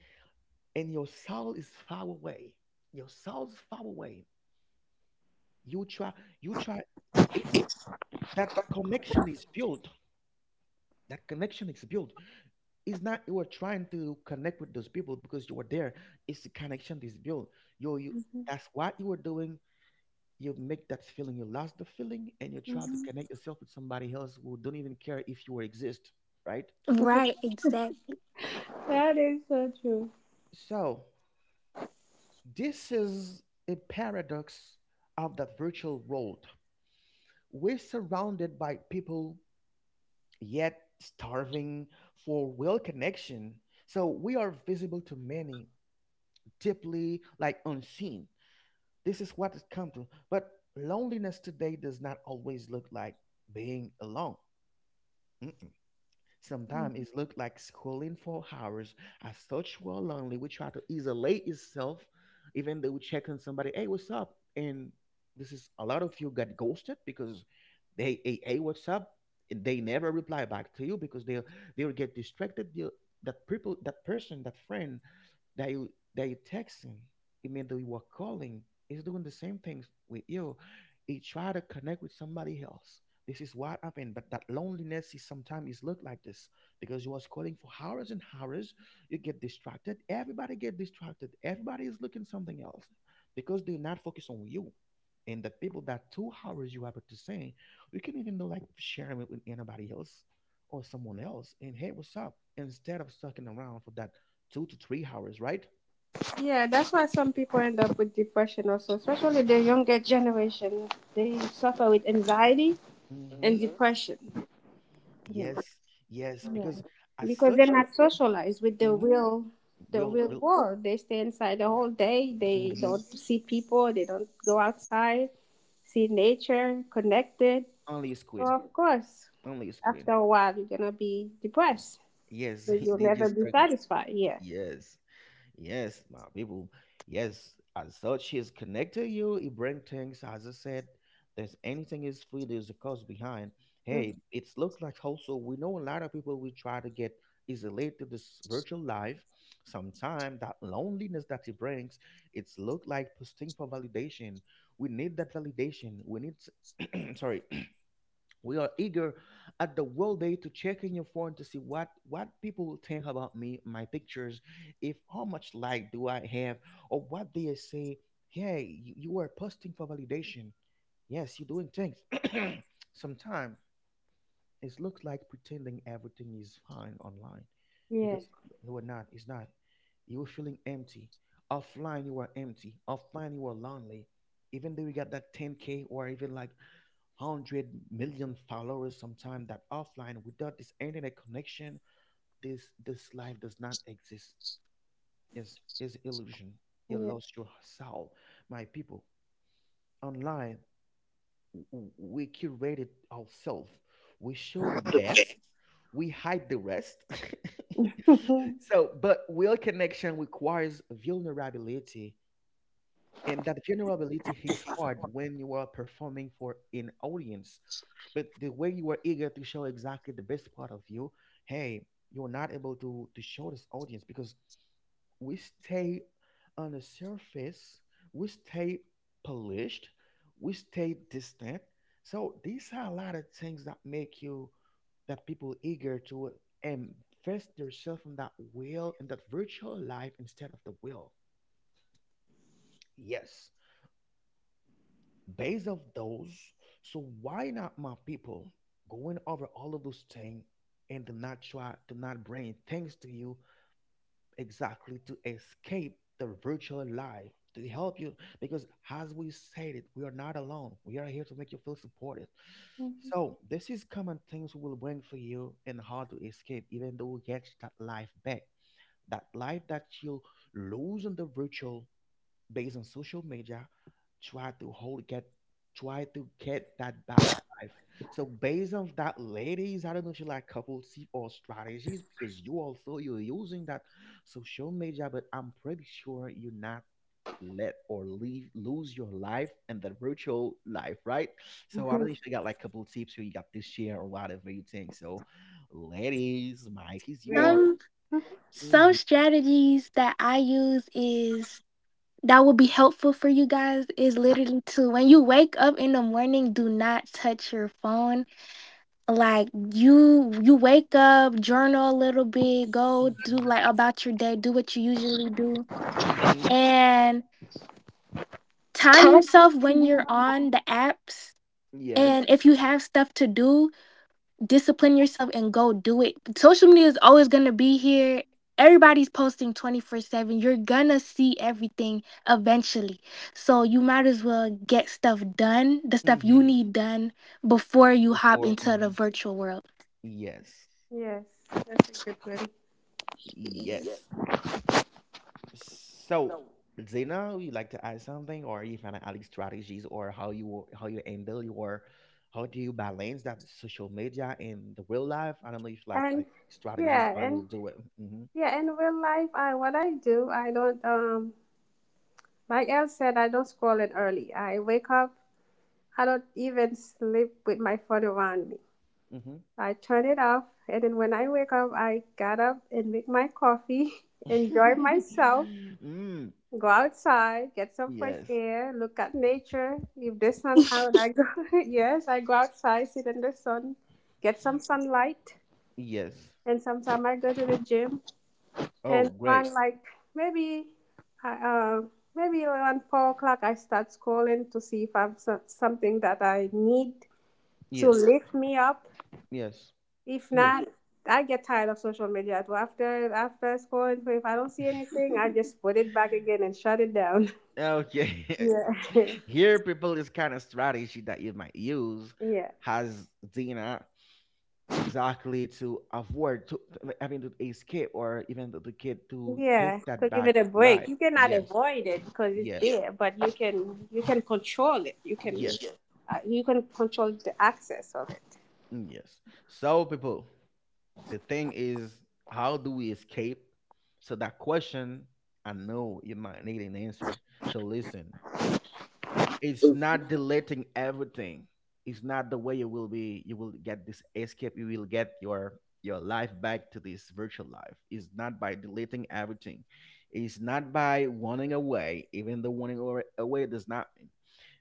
Speaker 1: and your soul is far away. Your soul's far away. you try you try it's that connection is built that connection is built. It's not you are trying to connect with those people because you are there, it's the connection is built, you you
Speaker 2: Mm-hmm.
Speaker 1: that's what you are doing. You make that feeling, you lost the feeling and you try to
Speaker 2: Mhm.
Speaker 1: connect yourself with somebody else who don't even care if you exist, right?
Speaker 3: Right, exactly.
Speaker 2: That is so true.
Speaker 1: So this is a paradox of that virtual world. We're surrounded by people yet starving for real connection. So we are visible to many, deeply like unseen. This is what it comes to. But loneliness today does not always look like being alone.
Speaker 2: Mm.
Speaker 1: Sometimes it looked like scrolling for hours. As such, we're lonely. We try to isolate itself, even though we check on somebody, hey, what's up? And this is a lot of you got ghosted because they, hey, hey, what's up? And they never reply back to you because they they will get distracted. They'll- that people, that person, that friend that you that you texting, it means that you are calling. It's doing the same things with you. It try to connect with somebody else. This is what happened. But that loneliness is sometimes is look like this because you was calling for hours and hours. You get distracted. Everybody get distracted. Everybody is looking something else because they're not focused on you. And the people that two hours you happen to sing, you can even do like sharing it with anybody else or someone else. And hey, what's up? Instead of sucking around for that two to three hours, right?
Speaker 2: Yeah, that's why some people end up with depression also, especially the younger generation. They suffer with anxiety and Mhm.
Speaker 1: Mm-hmm.
Speaker 2: depression.
Speaker 1: Yes, yes,
Speaker 2: Yeah,
Speaker 1: because as
Speaker 2: because they're
Speaker 1: such,
Speaker 2: not socialized with the
Speaker 1: mm-hmm,
Speaker 2: real, the
Speaker 1: will
Speaker 2: real
Speaker 1: will
Speaker 2: world. They stay inside the whole day. They
Speaker 1: mhm,
Speaker 2: don't see people. They don't go outside, see nature, connected.
Speaker 1: only a
Speaker 2: So
Speaker 1: screen,
Speaker 2: of course,
Speaker 1: only a screen.
Speaker 2: after a while, you're gonna be depressed
Speaker 1: Yes,
Speaker 2: because you'll
Speaker 1: they
Speaker 2: never
Speaker 1: just
Speaker 2: be
Speaker 1: talking.
Speaker 2: satisfied. Yeah.
Speaker 1: Yes, yes, my people. Yes, as such, he's connected you. He bring things, as I said. There's anything is free. There's a cost behind.
Speaker 2: Mm.
Speaker 1: Hey, it's look like also, we know a lot of people we try to get isolated to this virtual life. Sometimes that loneliness that it brings, it's look like posting for validation. We need that validation. We need, sorry, we are eager at the world day to check in your phone to see what what people will think about me my pictures, if how much like do I have or what they say. Hey you, you are posting for validation, yes you're doing things. Sometimes it looks like pretending everything is fine online,
Speaker 2: Yeah.
Speaker 1: because no we not it's not, you are feeling empty offline, you are empty offline, you are lonely, even though you got that ten k or even like one hundred million followers. Sometime that offline without this internet connection, this this life does not exist. Yes, is illusion, you lost your soul, my people. Online, w- w- we curated ourselves, we show the best, we hide the rest.
Speaker 2: Yeah.
Speaker 1: So but real connection requires vulnerability, and that vulnerability is hard when you are performing for an audience. But the way you were eager to show exactly the best part of you, hey, you're not able to to show this audience, because we stay on the surface, we stay polished, we stay distant. So these are a lot of things that make you that people eager to invest themselves in that will in that virtual life instead of the will, yes, based of those. So why not my people going over all of those things and do not try to not bring things to you, exactly to escape the virtual life, to help you, because as we said it, we are not alone. We are here to make you feel supported.
Speaker 2: Mhm.
Speaker 1: So this is common things we will bring for you and how to escape even though you get that life back. That life that you lose in the virtual based on social media try to hold get try to get that bad life. So based on that, ladies, I don't know if you like couple tip or strategies because you also you're using that social media, but I'm pretty sure you're not let or leave lose your life and the virtual life, right? So I don't know if you got like couple tips or you got this share or whatever you think. So ladies, Mike is
Speaker 2: Agree?
Speaker 1: yours.
Speaker 3: Some some
Speaker 1: Mm-hmm.
Speaker 3: strategies that I use is that will be helpful for you guys is literally to when you wake up in the morning, do not touch your phone. Like you you wake up, journal a little bit, go do
Speaker 1: Mm-hmm.
Speaker 3: like about your day, do what you usually do.
Speaker 1: Mm-hmm.
Speaker 3: And time
Speaker 2: Tell.
Speaker 3: yourself when you're on the apps. And
Speaker 1: Yes.
Speaker 3: if you have stuff to do, discipline yourself and go do it. Social media is always going to be here. Everybody's posting twenty-four seven. You're going to see everything eventually. So you might as well get stuff done, the stuff you
Speaker 1: Mm-hmm.
Speaker 3: need done before you hop
Speaker 1: Before.
Speaker 3: into the
Speaker 1: Mm-hmm.
Speaker 3: virtual world.
Speaker 1: Yes.
Speaker 2: Yes, that's a good one.
Speaker 1: Yes. So, Zena, would you like to add something or you find out like strategies or how you how you handle your how do you balance that social media and the real life? I don't know if like like
Speaker 2: And
Speaker 1: strategies
Speaker 2: yeah,
Speaker 1: how you
Speaker 2: and
Speaker 1: do it.
Speaker 2: yeah, in real life, I what I do, I don't um like Elle said, I don't scroll it early. I wake up, I don't even sleep with my phone around me.
Speaker 1: Mm-hmm.
Speaker 2: I turn it off, and then when I wake up, I get up and make my coffee, enjoy myself,
Speaker 1: Mm-hmm. Mm.
Speaker 2: go outside, get some fresh
Speaker 1: Yes.
Speaker 2: air, look at nature. If the sun out, I go yes, I go outside, sit in the sun, get some sunlight.
Speaker 1: Yes.
Speaker 2: And sometimes I go to the gym and
Speaker 1: Oh, great.
Speaker 2: around like maybe I uh, maybe around four o'clock I start scrolling to see if I'm so- something that I need to
Speaker 1: Yes.
Speaker 2: lift me up.
Speaker 1: Yes.
Speaker 2: If
Speaker 1: Yes.
Speaker 2: not, I get tired of social media. So after, after scrolling, so if I don't see anything, I just put it back again and shut it down.
Speaker 1: Okay.
Speaker 2: Yeah,
Speaker 1: Here people this kind of strategy that you might use
Speaker 2: yeah.
Speaker 1: has Zena exactly to avoid to to- having to escape or even the, the kid to
Speaker 2: Yeah,
Speaker 1: take that
Speaker 2: to give
Speaker 1: back
Speaker 2: it a break.
Speaker 1: life,
Speaker 2: You cannot
Speaker 1: yes,
Speaker 2: avoid it because it's
Speaker 1: yeah,
Speaker 2: there, but you can, you can control it. You can
Speaker 1: yes,
Speaker 2: uh, you can control the access of it.
Speaker 1: mm, yes. So people, the thing is, how do we escape? So that question, I know you might need an answer, so listen, it's not deleting everything. It's not the way you will be. You will get this escape. You will get your your life back to this virtual life. It's not by deleting everything. It's not by running away. Even the running away away does not mean.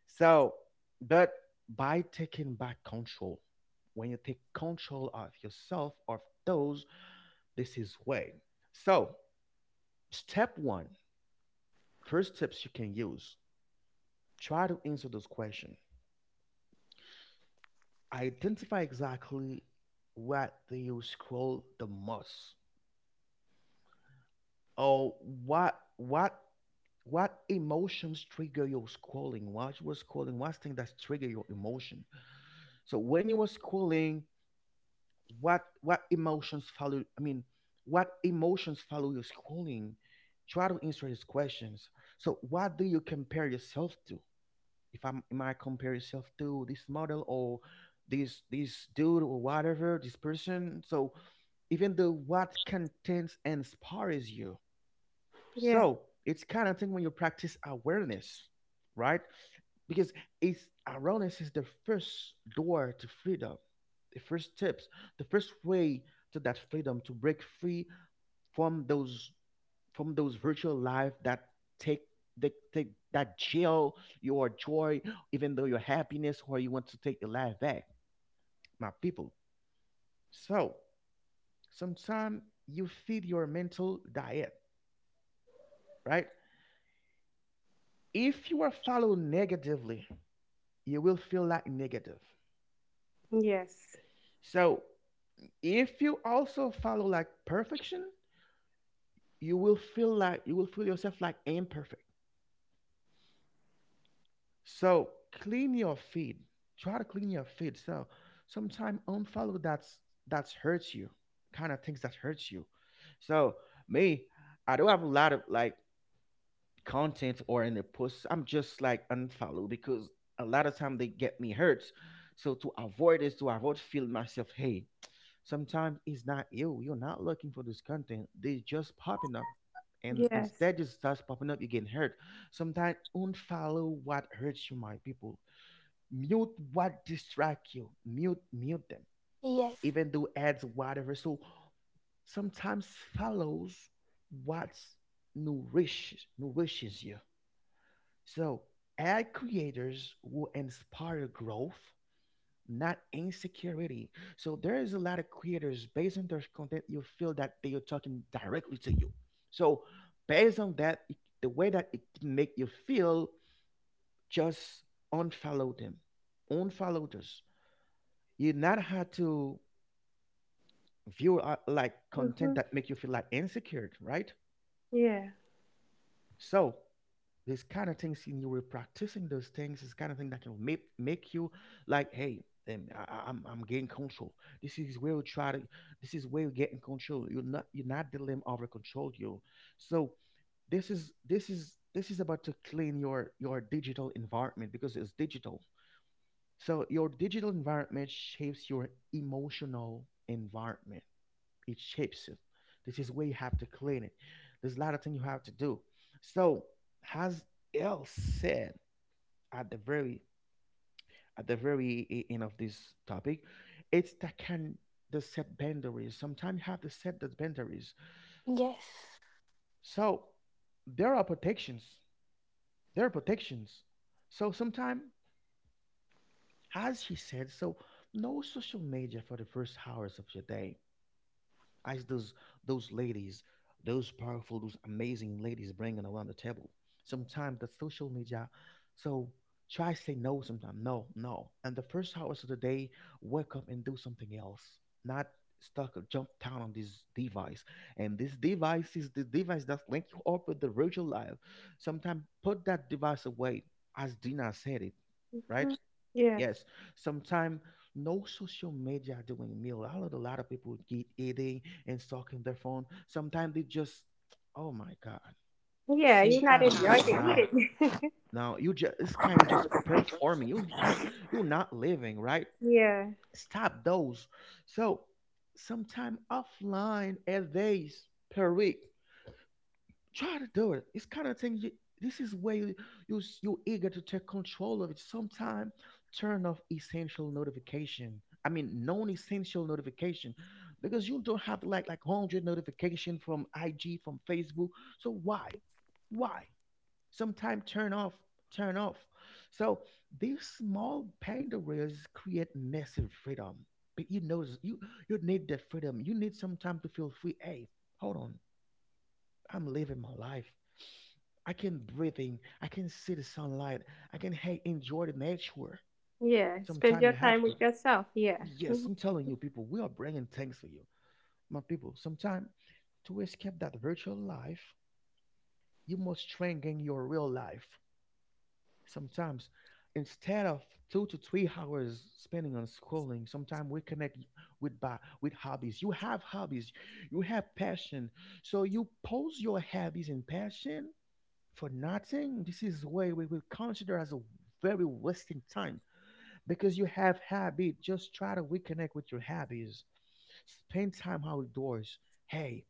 Speaker 1: So, but by taking back control, when you take control of yourself of those, this is way. So, step one, first tips you can use. Try to answer those questions. Identify exactly what do you scroll the most or what what what emotions trigger your scrolling, what you were scrolling, what thing that trigger your emotion. So when you were scrolling, what what emotions follow, I mean, what emotions follow your scrolling? Try to answer these questions. So what do you compare yourself to? If I'm Am I compare yourself to this model or this this dude or whatever this person. So even though what contents inspires you.
Speaker 2: Yeah.
Speaker 1: So it's kind of thing when you practice awareness, right? Because it's awareness is the first door to freedom, the first steps, the first way to that freedom to break free from those from those virtual life that take the take that jail your joy, even though your happiness or you want to take your life back, my people. So sometimes you feed your mental diet, right? If you are followed negatively, you will feel like negative.
Speaker 2: Yes.
Speaker 1: So if you also follow like perfection, you will feel like you will feel yourself like imperfect. So clean your feed. Try to clean your feed. So sometime unfollow that's that's hurts you, kind of things that hurts you. So me, I don't have a lot of like content or in the posts. I'm just like unfollow because a lot of time they get me hurt. So to avoid this, to avoid feel myself, hey, sometimes it's not you. You're not looking for this content. They just popping up. And
Speaker 2: Yes.
Speaker 1: instead it starts popping up, you get hurt. Sometimes unfollow what hurts you, my people. Mute what distract you. Mute mute them.
Speaker 3: Yes.
Speaker 1: Even do ads, whatever. So sometimes follows what nourishes nourishes you. So ad creators will inspire growth, not insecurity. So there is a lot of creators based on their content, you feel that they are talking directly to you. So based on that, it- the way that it make you feel, just unfollow them, unfollow this. You not have to view uh, like content
Speaker 2: hmm
Speaker 1: that make you feel like insecure, right?
Speaker 2: Yeah.
Speaker 1: So this kind of things in you were practicing those things, this kind of thing that can make make you like, hey, um, I, I- I'm I'm getting control. This is where you try to. This is where you get in control. You're not you're not letting over control you. So this is this is this is about to clean your your digital environment because it's digital. So your digital environment shapes your emotional environment, it shapes you. This is where you have to clean it. There's a lot of things you have to do. So, as El said, at the very at the very e- end of this topic, it's that can the set boundaries. Sometimes you have to set the boundaries.
Speaker 3: Yes.
Speaker 1: So there are protections. There are protections. So sometimes, as she said, so no social media for the first hours of your day, as those those ladies, those powerful, those amazing ladies bringing around the table. Sometimes the social media, so try say no. Sometimes no, no. And the first hours of the day, wake up and do something else. Not stuck or jump down on this device. And this device is the device that link you up with the virtual life. Sometimes put that device away, as Dina said it, right?
Speaker 2: Mhm. Yes.
Speaker 1: Yes, sometime no social media doing meal. A lot, a lot of people get eating and stalking their phone. Sometimes they just, oh my god,
Speaker 2: Yeah.
Speaker 1: same
Speaker 2: You're not
Speaker 1: time
Speaker 2: enjoying
Speaker 1: just now.
Speaker 2: it. Either.
Speaker 1: Now you just it's kind of just performing. You you you're not living, right.
Speaker 2: yeah.
Speaker 1: Stop those. So sometime offline at days per week try to do it. It's kind of thing. You, this is where you, you s- you're eager to take control of it. Sometime turn off essential notification. I mean, non-essential notification, because you don't have like like hundred notification from I G from Facebook. So why, why? Sometime turn off, turn off. So these small boundaries create massive freedom. But you know, you you need that freedom. You need some time to feel free. Hey, hold on. I'm living my life. I can breathe in. I can see the sunlight. I can, hey, enjoy the nature.
Speaker 2: Yeah. Spend
Speaker 1: Sometimes
Speaker 2: your
Speaker 1: you have
Speaker 2: time
Speaker 1: to.
Speaker 2: with yourself. Yeah.
Speaker 1: Yes,
Speaker 2: Mhm.
Speaker 1: I'm telling you, people, we are bringing things for you. My people, sometimes to escape that virtual life, you must strengthen your real life. Sometimes, instead of two to three hours spending on scrolling, sometimes we connect with by, with hobbies. You have hobbies, you have passion. So you pose your hobbies and passion for nothing, this is what we will consider as a very wasting time because you have habit. Just try to reconnect with your habits. Spend time outdoors. Hey,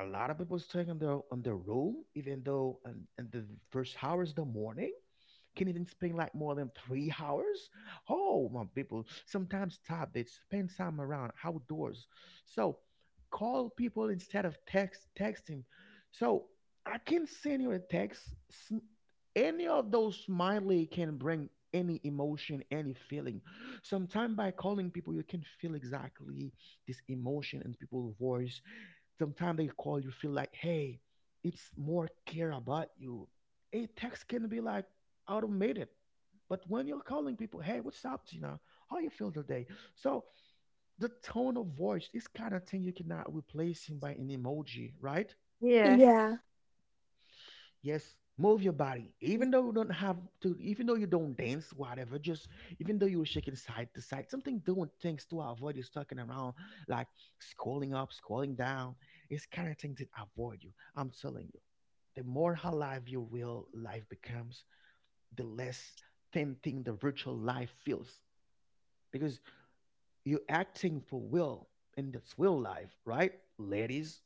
Speaker 1: a lot of people staying on their on their room, even though in, in the first hours of the morning. Can even spend like more than three hours? Oh, my people, sometimes time they spend time around outdoors. So call people instead of text texting. So I can send you a text. S- Any of those smiley can bring any emotion, any feeling. Sometimes by calling people, you can feel exactly this emotion in people's voice. Sometimes they call you feel like, hey, it's more care about you. A text can be like automated. But when you're calling people, hey, what's up, Gina? How you feel today? So the tone of voice, this kind of thing you cannot replace him by an emoji, right?
Speaker 2: Yeah.
Speaker 3: Yeah.
Speaker 1: Yes, move your body. Even though you don't have to, even though you don't dance, whatever, just even though you're shaking side to side, something doing things to avoid you stucking around, like scrolling up, scrolling down. It's kind of thing that avoid you. I'm telling you, the more alive your real life becomes, the less tempting the virtual life feels because you're acting for will in this real life, right, ladies?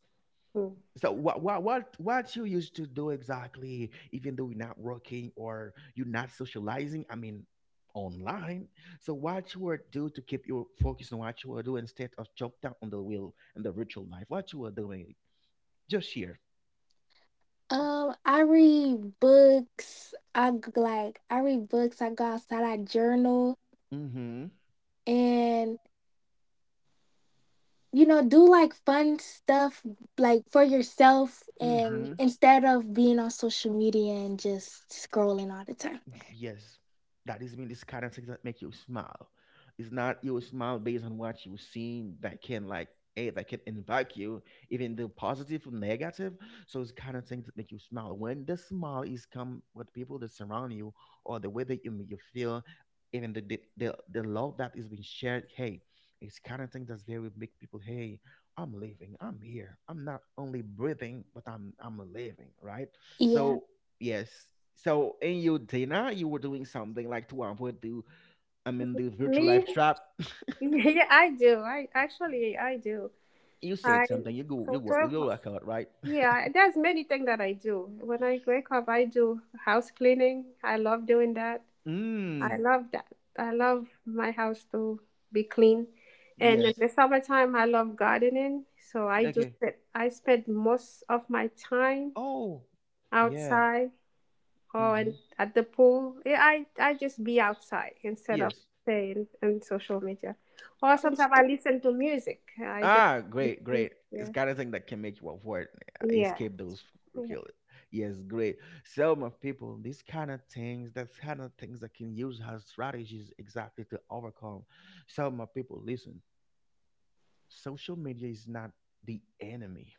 Speaker 2: Mm.
Speaker 1: So what what what what you used to do exactly, even though you're not working or you're not socializing? I mean, online. So what you were do to keep your focus on what you were doing instead of jump down on the wheel and the virtual life? What you were doing? Just here.
Speaker 3: Um, I read books. I g- like I read books. I go outside. I journal,
Speaker 1: Mm-hmm.
Speaker 3: and you know, do like fun stuff like for yourself and
Speaker 1: Mm-hmm.
Speaker 3: instead of being on social media and just scrolling all the time.
Speaker 1: Y- Yes, that is mean this kind of things that make you smile. It's not you smile based on what you've seen that can like eh, that can impact you, even the positive or negative. So it's kind of things that make you smile. When the smile is come with people that surround you or the way that you make you feel, even the the, the, the love that is being shared, hey, it's kind of thing that's very make people, hey, I'm living, I'm here. I'm not only breathing, but I'm I'm living, right?
Speaker 3: Yeah,
Speaker 1: So yes, so in your dinner, you were doing something like to avoid the, I mean, the virtual
Speaker 2: Me?
Speaker 1: life trap.
Speaker 2: Yeah, I do. I actually I do.
Speaker 1: You
Speaker 2: I
Speaker 1: said something. You go, you
Speaker 2: sort
Speaker 1: work, you
Speaker 2: of.
Speaker 1: go work out, right?
Speaker 2: Yeah, there's many things that I do. When I wake up, I do house cleaning. I love doing that. I
Speaker 1: Mm.
Speaker 2: love that. I love my house to be clean. And in
Speaker 1: Yes.
Speaker 2: the summertime, I love gardening. So I do
Speaker 1: Okay.
Speaker 2: spend, I spend most of my time
Speaker 1: Oh. Yeah.
Speaker 2: outside or
Speaker 1: Mm-hmm.
Speaker 2: in, at the pool. Yeah, I, I just be outside instead of
Speaker 1: Yes.
Speaker 2: staying in social media. Or
Speaker 3: that's
Speaker 2: sometimes I
Speaker 3: good.
Speaker 2: listen to music. I just,
Speaker 1: Ah, great, great. It's
Speaker 2: yeah,
Speaker 1: kind of thing that can make you avoid, uh,
Speaker 2: yeah,
Speaker 1: escape those,
Speaker 2: yeah.
Speaker 1: kill. Yes, great. So, my people, these kind of things, that's kind of things that can use as strategies exactly to overcome. So, my people, listen. Social media is not the enemy.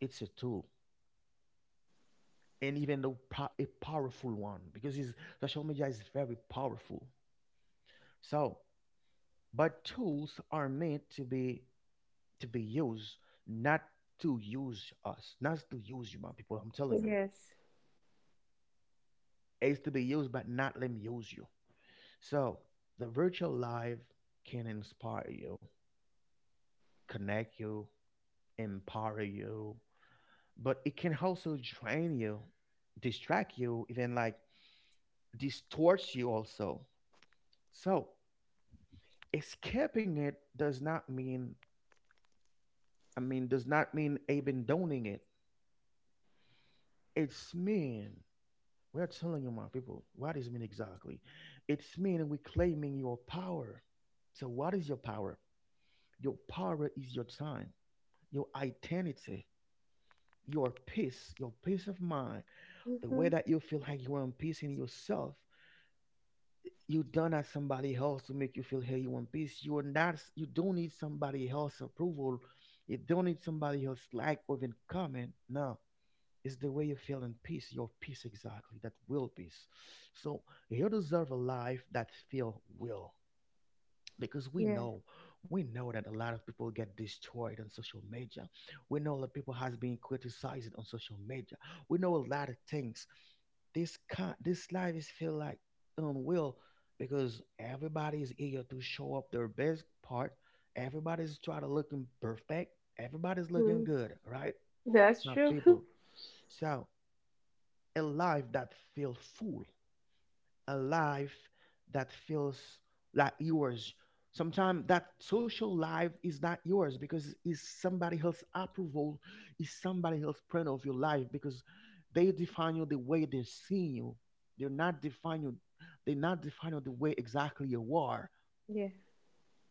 Speaker 1: It's a tool, and even though po- a powerful one because it's, social media is very powerful, so but tools are meant to be, to be used, not to use us, not to use you, my people, I'm telling you.
Speaker 2: Yes.
Speaker 1: It's to be used, but not let me use you. So the virtual life can inspire you, connect you, empower you, but it can also drain you, distract you, even like distorts you also. So escaping it does not mean, i mean does not mean abandoning it. It's mean, we're telling you my people what is mean exactly. It's mean we're claiming your power. So what is your power? Your power is your time, your identity, your peace, your peace of mind, the way
Speaker 2: hmm
Speaker 1: that you feel like you are in peace in yourself. You don't ask somebody else to make you feel, hey, you want peace, you are not s- you don't need somebody else approval. You don't need somebody else like or even comment. No, it's the way you feel in peace, your peace exactly, that will peace. So you deserve a life that feel will, because we
Speaker 2: Yeah.
Speaker 1: know, we know that a lot of people get destroyed on social media. We know that people has been criticized on social media. We know a lot of things. This kind, this life is feel like unreal, because everybody is eager to show up their best part. Everybody's trying to looking perfect. Everybody's looking
Speaker 2: Mm.
Speaker 1: good, right?
Speaker 2: That's
Speaker 1: My
Speaker 2: true.
Speaker 1: people, so a life that feel full, a life that feels like yours. Sometimes that social life is not yours because it's somebody else's approval. It's somebody else's plan of your life, because they define you the way they see you. They're not define you, they not define you the way exactly you are.
Speaker 2: Yeah.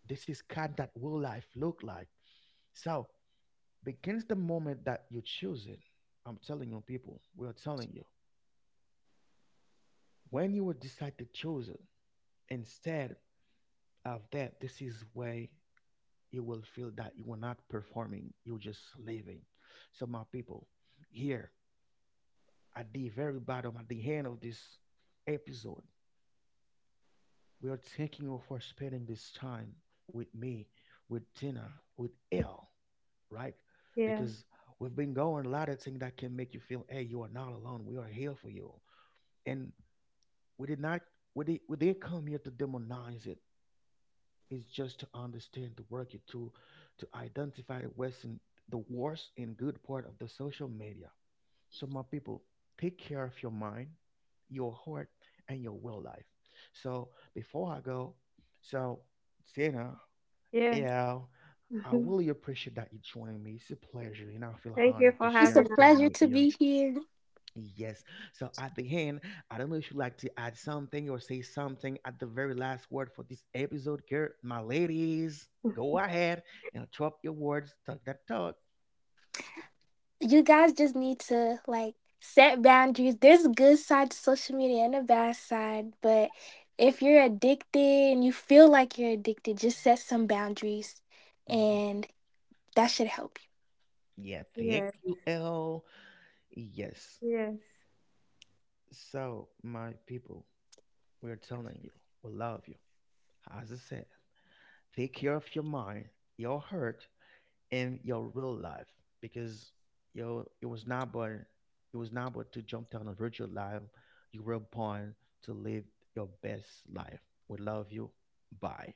Speaker 1: This is kind that will life look like. So begins the moment that you choose it. I'm telling you people, we are telling you. When you will decide to choose it, instead of that, this is where you will feel that you are not performing, you're just living. So my people, here at the very bottom, at the end of this episode, we are thanking you for spending this time with me, with Tina, with L, right?
Speaker 2: Yeah.
Speaker 1: Because we've been going a lot of things that can make you feel, hey, you are not alone, we are here for you. And we did not, we did, we did come here to demonize it. Is just to understand the work you do, to identify the worst and, the worst and good part of the social media. So my people, take care of your mind, your heart, and your will life. So before I go, so Zena,
Speaker 2: Yeah.
Speaker 1: yeah, I really appreciate that you joining me. It's a pleasure, and I feel
Speaker 2: Thank you
Speaker 1: honored to
Speaker 2: for
Speaker 3: It's
Speaker 1: share
Speaker 2: having
Speaker 3: a
Speaker 1: this
Speaker 2: us.
Speaker 1: time
Speaker 3: pleasure
Speaker 1: with
Speaker 3: to
Speaker 1: you.
Speaker 3: be here.
Speaker 1: Yes. So at the end, I don't know if you'd like to add something or say something at the very last word for this episode, girl. My ladies, go ahead and drop your words, talk that talk.
Speaker 3: You guys just need to like set boundaries. There's a good side to social media and a bad side, but if you're addicted and you feel like you're addicted, just set some boundaries
Speaker 1: Mhm.
Speaker 3: and that should help.
Speaker 1: Yeah, thank
Speaker 2: Yes.
Speaker 1: you, L. Yes.
Speaker 2: Yes.
Speaker 1: So, my people, we're telling you, we love you. As I said, take care of your mind, your heart, in your real life, because yo it was not but, it was not but to jump down a virtual life. You were born to live your best life. We love you. Bye.